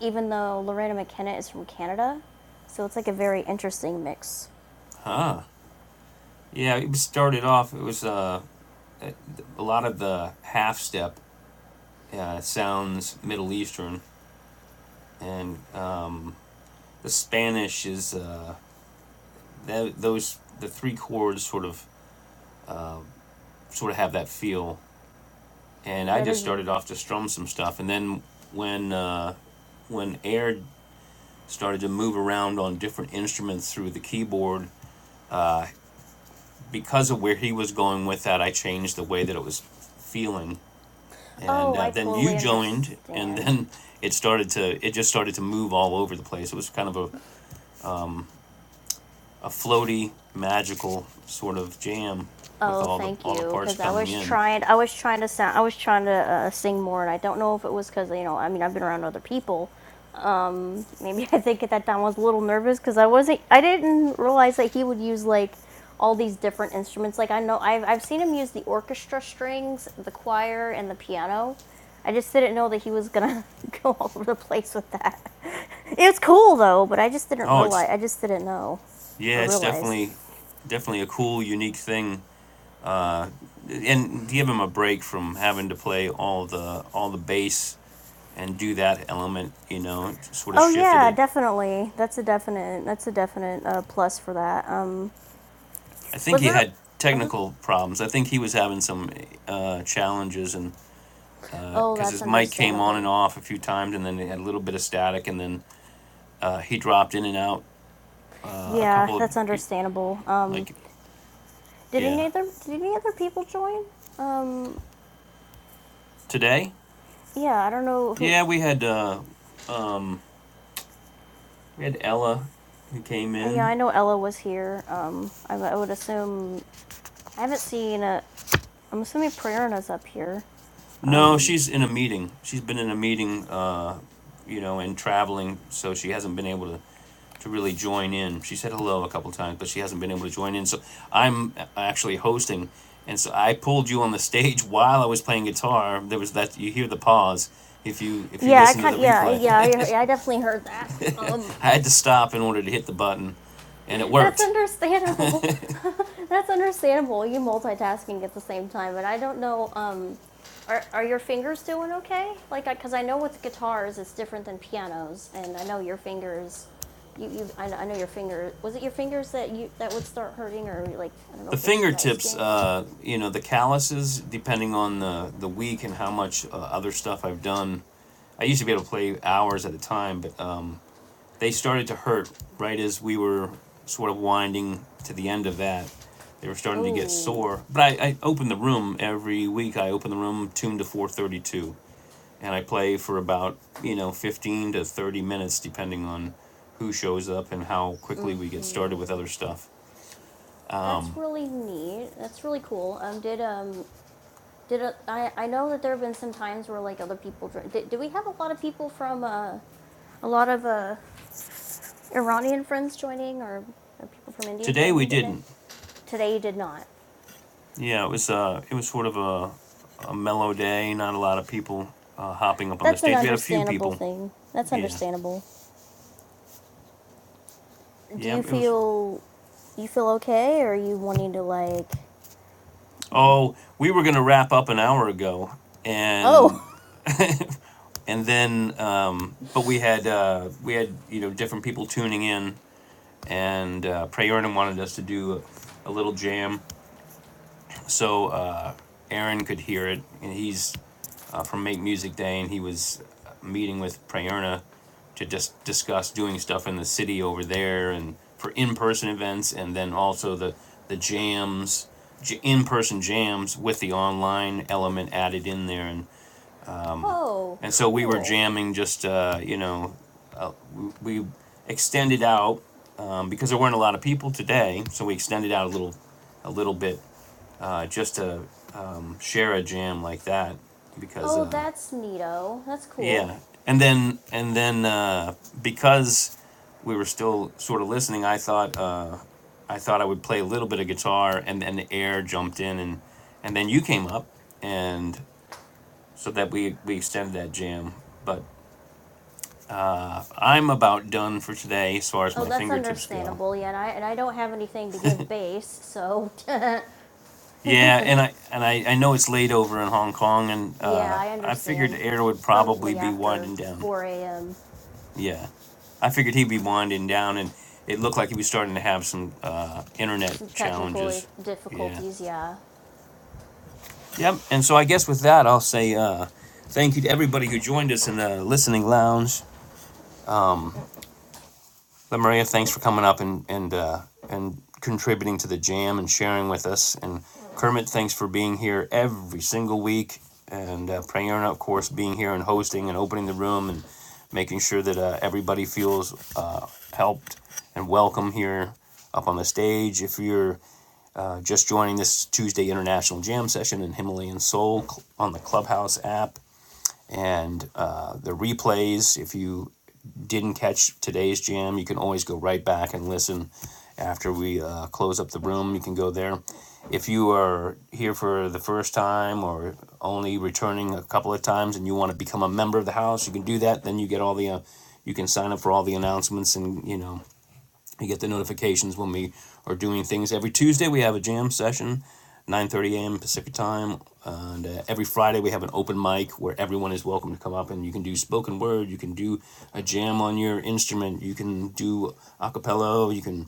Speaker 6: even though Lorena McKenna is from Canada. So it's like a very interesting mix.
Speaker 2: huh yeah it started off it was uh, a lot of the half step uh, sounds middle eastern and uh, the spanish is uh, that, those the three chords sort of sort of have that feel and I
Speaker 6: That
Speaker 2: just
Speaker 6: is,
Speaker 2: started off to strum some stuff. And then when uh, when Air started to move around on different instruments through the keyboard, because of where he was going with that, I changed the way that it was feeling. And
Speaker 6: oh,
Speaker 2: uh,
Speaker 6: I
Speaker 2: then you
Speaker 6: totally
Speaker 2: joined, and
Speaker 6: understand.
Speaker 2: then it started to it just started to move all over the place. It was kind of a, a floaty, magical sort of jam with
Speaker 6: Oh,
Speaker 2: all the
Speaker 6: thank
Speaker 2: all the
Speaker 6: you.
Speaker 2: parts
Speaker 6: Because I
Speaker 2: coming
Speaker 6: was
Speaker 2: in.
Speaker 6: trying, I was trying to sound, I was trying to uh, sing more, and I don't know if it was because you know, I mean, I've been around other people. Um, maybe (laughs) I think at that time I was a little nervous because I wasn't, I didn't realize that he would use like all these different instruments. Like I know, I've I've seen him use the orchestra strings, the choir, and the piano. I just didn't know that he was gonna (laughs) go all over the place with that. (laughs) It was cool though, but I just didn't
Speaker 2: Oh,
Speaker 6: realize,
Speaker 2: it's
Speaker 6: I just didn't know or
Speaker 2: yeah, it's
Speaker 6: realize.
Speaker 2: definitely definitely a cool, unique thing uh, and give him a break from having to play all the all the bass and do that element you know sort of
Speaker 6: Oh
Speaker 2: shifted
Speaker 6: yeah,
Speaker 2: it
Speaker 6: definitely. That's a definite. That's a definite uh, plus for that. Um,
Speaker 2: i think
Speaker 6: was
Speaker 2: he
Speaker 6: there
Speaker 2: had
Speaker 6: other?
Speaker 2: technical problems i think he was having some uh, challenges and
Speaker 6: Oh,
Speaker 2: because uh,
Speaker 6: that's
Speaker 2: his mic came on and
Speaker 6: understandable.
Speaker 2: off a few times and then it had a little bit of static and then uh, he dropped in and out uh, a
Speaker 6: Yeah,
Speaker 2: couple of
Speaker 6: that's understandable. Um,
Speaker 2: like
Speaker 6: did any
Speaker 2: yeah
Speaker 6: other? Did any other people join? Um,
Speaker 2: today
Speaker 6: yeah, I don't know who.
Speaker 2: yeah we had uh, we had ella who came
Speaker 6: Uh, yeah,
Speaker 2: in
Speaker 6: I know Ella was here. Um, I, I would assume. I haven't seen a. I'm assuming Prerna's up here.
Speaker 2: No, she's in a meeting. She's been in a meeting, uh, you know, and traveling, so she hasn't been able to to really join in. She said hello a couple times, but she hasn't been able to join in. So I'm actually hosting, and so I pulled you on the stage while I was playing guitar. There was that you hear the pause if you if you
Speaker 6: Yeah, I
Speaker 2: listen to the
Speaker 6: kind. Yeah,
Speaker 2: replay.
Speaker 6: yeah, I, I definitely heard that. Um,
Speaker 2: (laughs) I had to stop in order to hit the button, and it
Speaker 6: That's
Speaker 2: worked.
Speaker 6: understandable. (laughs) That's understandable. You multitasking at the same time, but I don't know. Um, are are your fingers doing okay? Like, because I, 'cause I know with guitars it's different than pianos, and I know your fingers. You you I, I know your finger. Was it your fingers that you that would start hurting, or like I don't know
Speaker 2: the
Speaker 6: if it's dry
Speaker 2: fingertips,
Speaker 6: skin.
Speaker 2: uh, you know, the calluses, depending on the, the week and how much uh, other stuff I've done, I used to be able to play hours at a time, but um, they started to hurt right as we were sort of winding to the end of that. They were starting to get
Speaker 6: Oh,
Speaker 2: sore, but I, I open the room every week. I open the room tuned to four thirty two, and I play for about you know fifteen to thirty minutes, depending on who shows up and how quickly we get started with other stuff.
Speaker 6: that's really neat. That's really cool. Um, did um. Did uh, I, I know that there have been some times where like other people dr- did, did we have a lot of people from uh, a lot of uh, Iranian friends joining or, or people from India
Speaker 2: Today we
Speaker 6: joining today?
Speaker 2: didn't.
Speaker 6: Today you did not.
Speaker 2: Yeah, it was uh, it was sort of a, a mellow day. Not a lot of people uh, hopping up on the
Speaker 6: That's an
Speaker 2: stage. We had a few
Speaker 6: understandable
Speaker 2: people.
Speaker 6: thing. That's
Speaker 2: Yeah,
Speaker 6: understandable. Do
Speaker 2: yeah.
Speaker 6: you
Speaker 2: It was.
Speaker 6: feel you feel okay or are you wanting to like
Speaker 2: Oh, we were gonna wrap up an hour ago, and
Speaker 6: oh
Speaker 2: (laughs) and then um, but we had uh, we had you know different people tuning in, and uh, Prayerna wanted us to do a, a little jam So uh, Aaron could hear it, and he's uh, from Make Music Day, and he was uh, meeting with Prayerna to just discuss doing stuff in the city over there, and for in-person events, and then also the the jams, in-person jams with the online element added in there, and
Speaker 6: (laughs) oh
Speaker 2: and so we were
Speaker 6: cool.
Speaker 2: jamming just uh, you know uh, we, we extended out um, because there weren't a lot of people today, so we extended out a little a little bit uh, just to um, share a jam like that because
Speaker 6: Oh
Speaker 2: uh,
Speaker 6: that's neato. That's cool.
Speaker 2: yeah and then and then uh, because we were still sort of listening i thought uh, i thought i would play a little bit of guitar and then the air jumped in and and then you came up and so that we we extended that jam but i'm about done for today as far as
Speaker 6: Oh
Speaker 2: my
Speaker 6: that's
Speaker 2: fingertips go
Speaker 6: understandable. Yeah, and I and I don't have anything to give base, so (laughs) yeah,
Speaker 2: yeah and i and i, I know it's late over in hong kong and uh,
Speaker 6: I
Speaker 2: i figured
Speaker 6: understand.
Speaker 2: air would
Speaker 6: It's
Speaker 2: probably
Speaker 6: probably
Speaker 2: be
Speaker 6: after
Speaker 2: winding down
Speaker 6: 4 a.m.
Speaker 2: Yeah, I figured he'd be winding down, and it looked like he was starting to have some uh, internet
Speaker 6: Some technical
Speaker 2: challenges. Yeah.
Speaker 6: difficulties, yeah.
Speaker 2: Yep. And so I guess with that, I'll say uh, thank you to everybody who joined us in the listening lounge. But Maria, thanks for coming up and and uh, and contributing to the jam and sharing with us. And Kermit, thanks for being here every single week. And uh, Prayerna, of course, being here and hosting and opening the room and making sure that uh, everybody feels uh, helped and welcome here up on the stage. If you're uh, just joining this Tuesday International Jam session in Himalayan Soul cl- on the Clubhouse app, and uh, the replays. If you didn't catch today's jam, you can always go right back and listen after we uh, close up the room. You can go there. If you are here for the first time or only returning a couple of times and you want to become a member of the house, you can do that. Then you get all the, uh, you can sign up for all the announcements and, you know, you get the notifications when we are doing things. Every Tuesday we have a jam session, 9:30 a.m. Pacific time, and uh, every Friday we have an open mic where everyone is welcome to come up and you can do spoken word, you can do a jam on your instrument, you can do a cappella, you can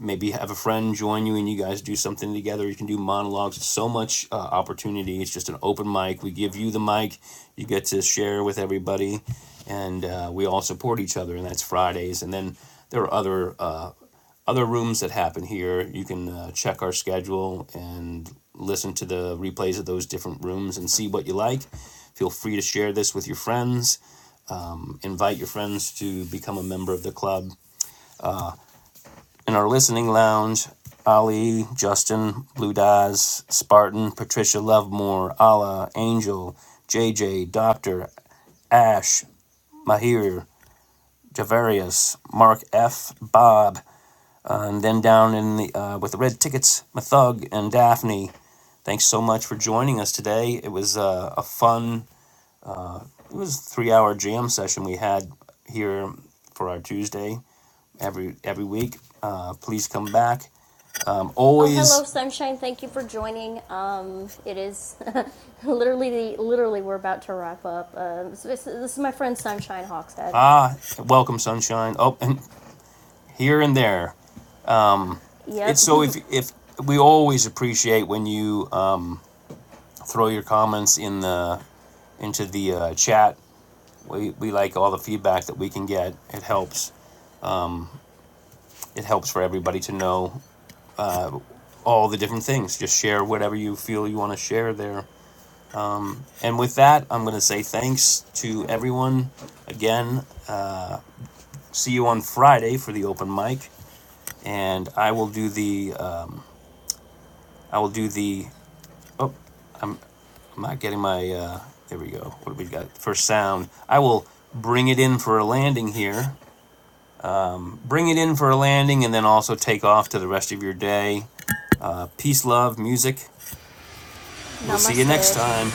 Speaker 2: maybe have a friend join you and you guys do something together you can do monologues It's so much uh, opportunity it's just an open mic we give you the mic you get to share with everybody and uh, we all support each other and that's fridays and then there are other uh, other rooms that happen here you can uh, check our schedule and listen to the replays of those different rooms and see what you like feel free to share this with your friends invite your friends to become a member of the club in our listening lounge, Ali, Justin, Blue Daz, Spartan, Patricia Lovemore, Ala, Angel, J J, Doctor, Ash, Mahir, Javarius, Mark F, Bob, uh, and then down in the uh, with the red tickets, Mathug and Daphne. Thanks so much for joining us today. It was uh, a fun, it was a three-hour jam session we had here for our Tuesday every every week. Uh, please come back. I'm
Speaker 6: Oh, hello,
Speaker 2: always
Speaker 6: sunshine. Thank you for joining. Um, it is (laughs) literally, literally, we're about to wrap up. Um, so this, this is my friend Sunshine Hawkshead.
Speaker 2: Ah, welcome, sunshine. Oh, and here and there. It's
Speaker 6: Yep.
Speaker 2: so if if we always appreciate when you um, throw your comments in the into the uh, chat. We we like all the feedback that we can get. It helps. It helps for everybody to know all the different things. Just share whatever you feel you want to share there. And with that, I'm going to say thanks to everyone again. See you on Friday for the open mic, and I will do the uh, I will do the. Oh. I'm not getting my. Uh, there we go. What do we got for sound? I will bring it in for a landing here. Bring it in for a landing, and then also take off to the rest of your day. Uh, peace, love, music.
Speaker 6: (laughs)
Speaker 2: We'll see you next
Speaker 6: Namaste.
Speaker 2: time.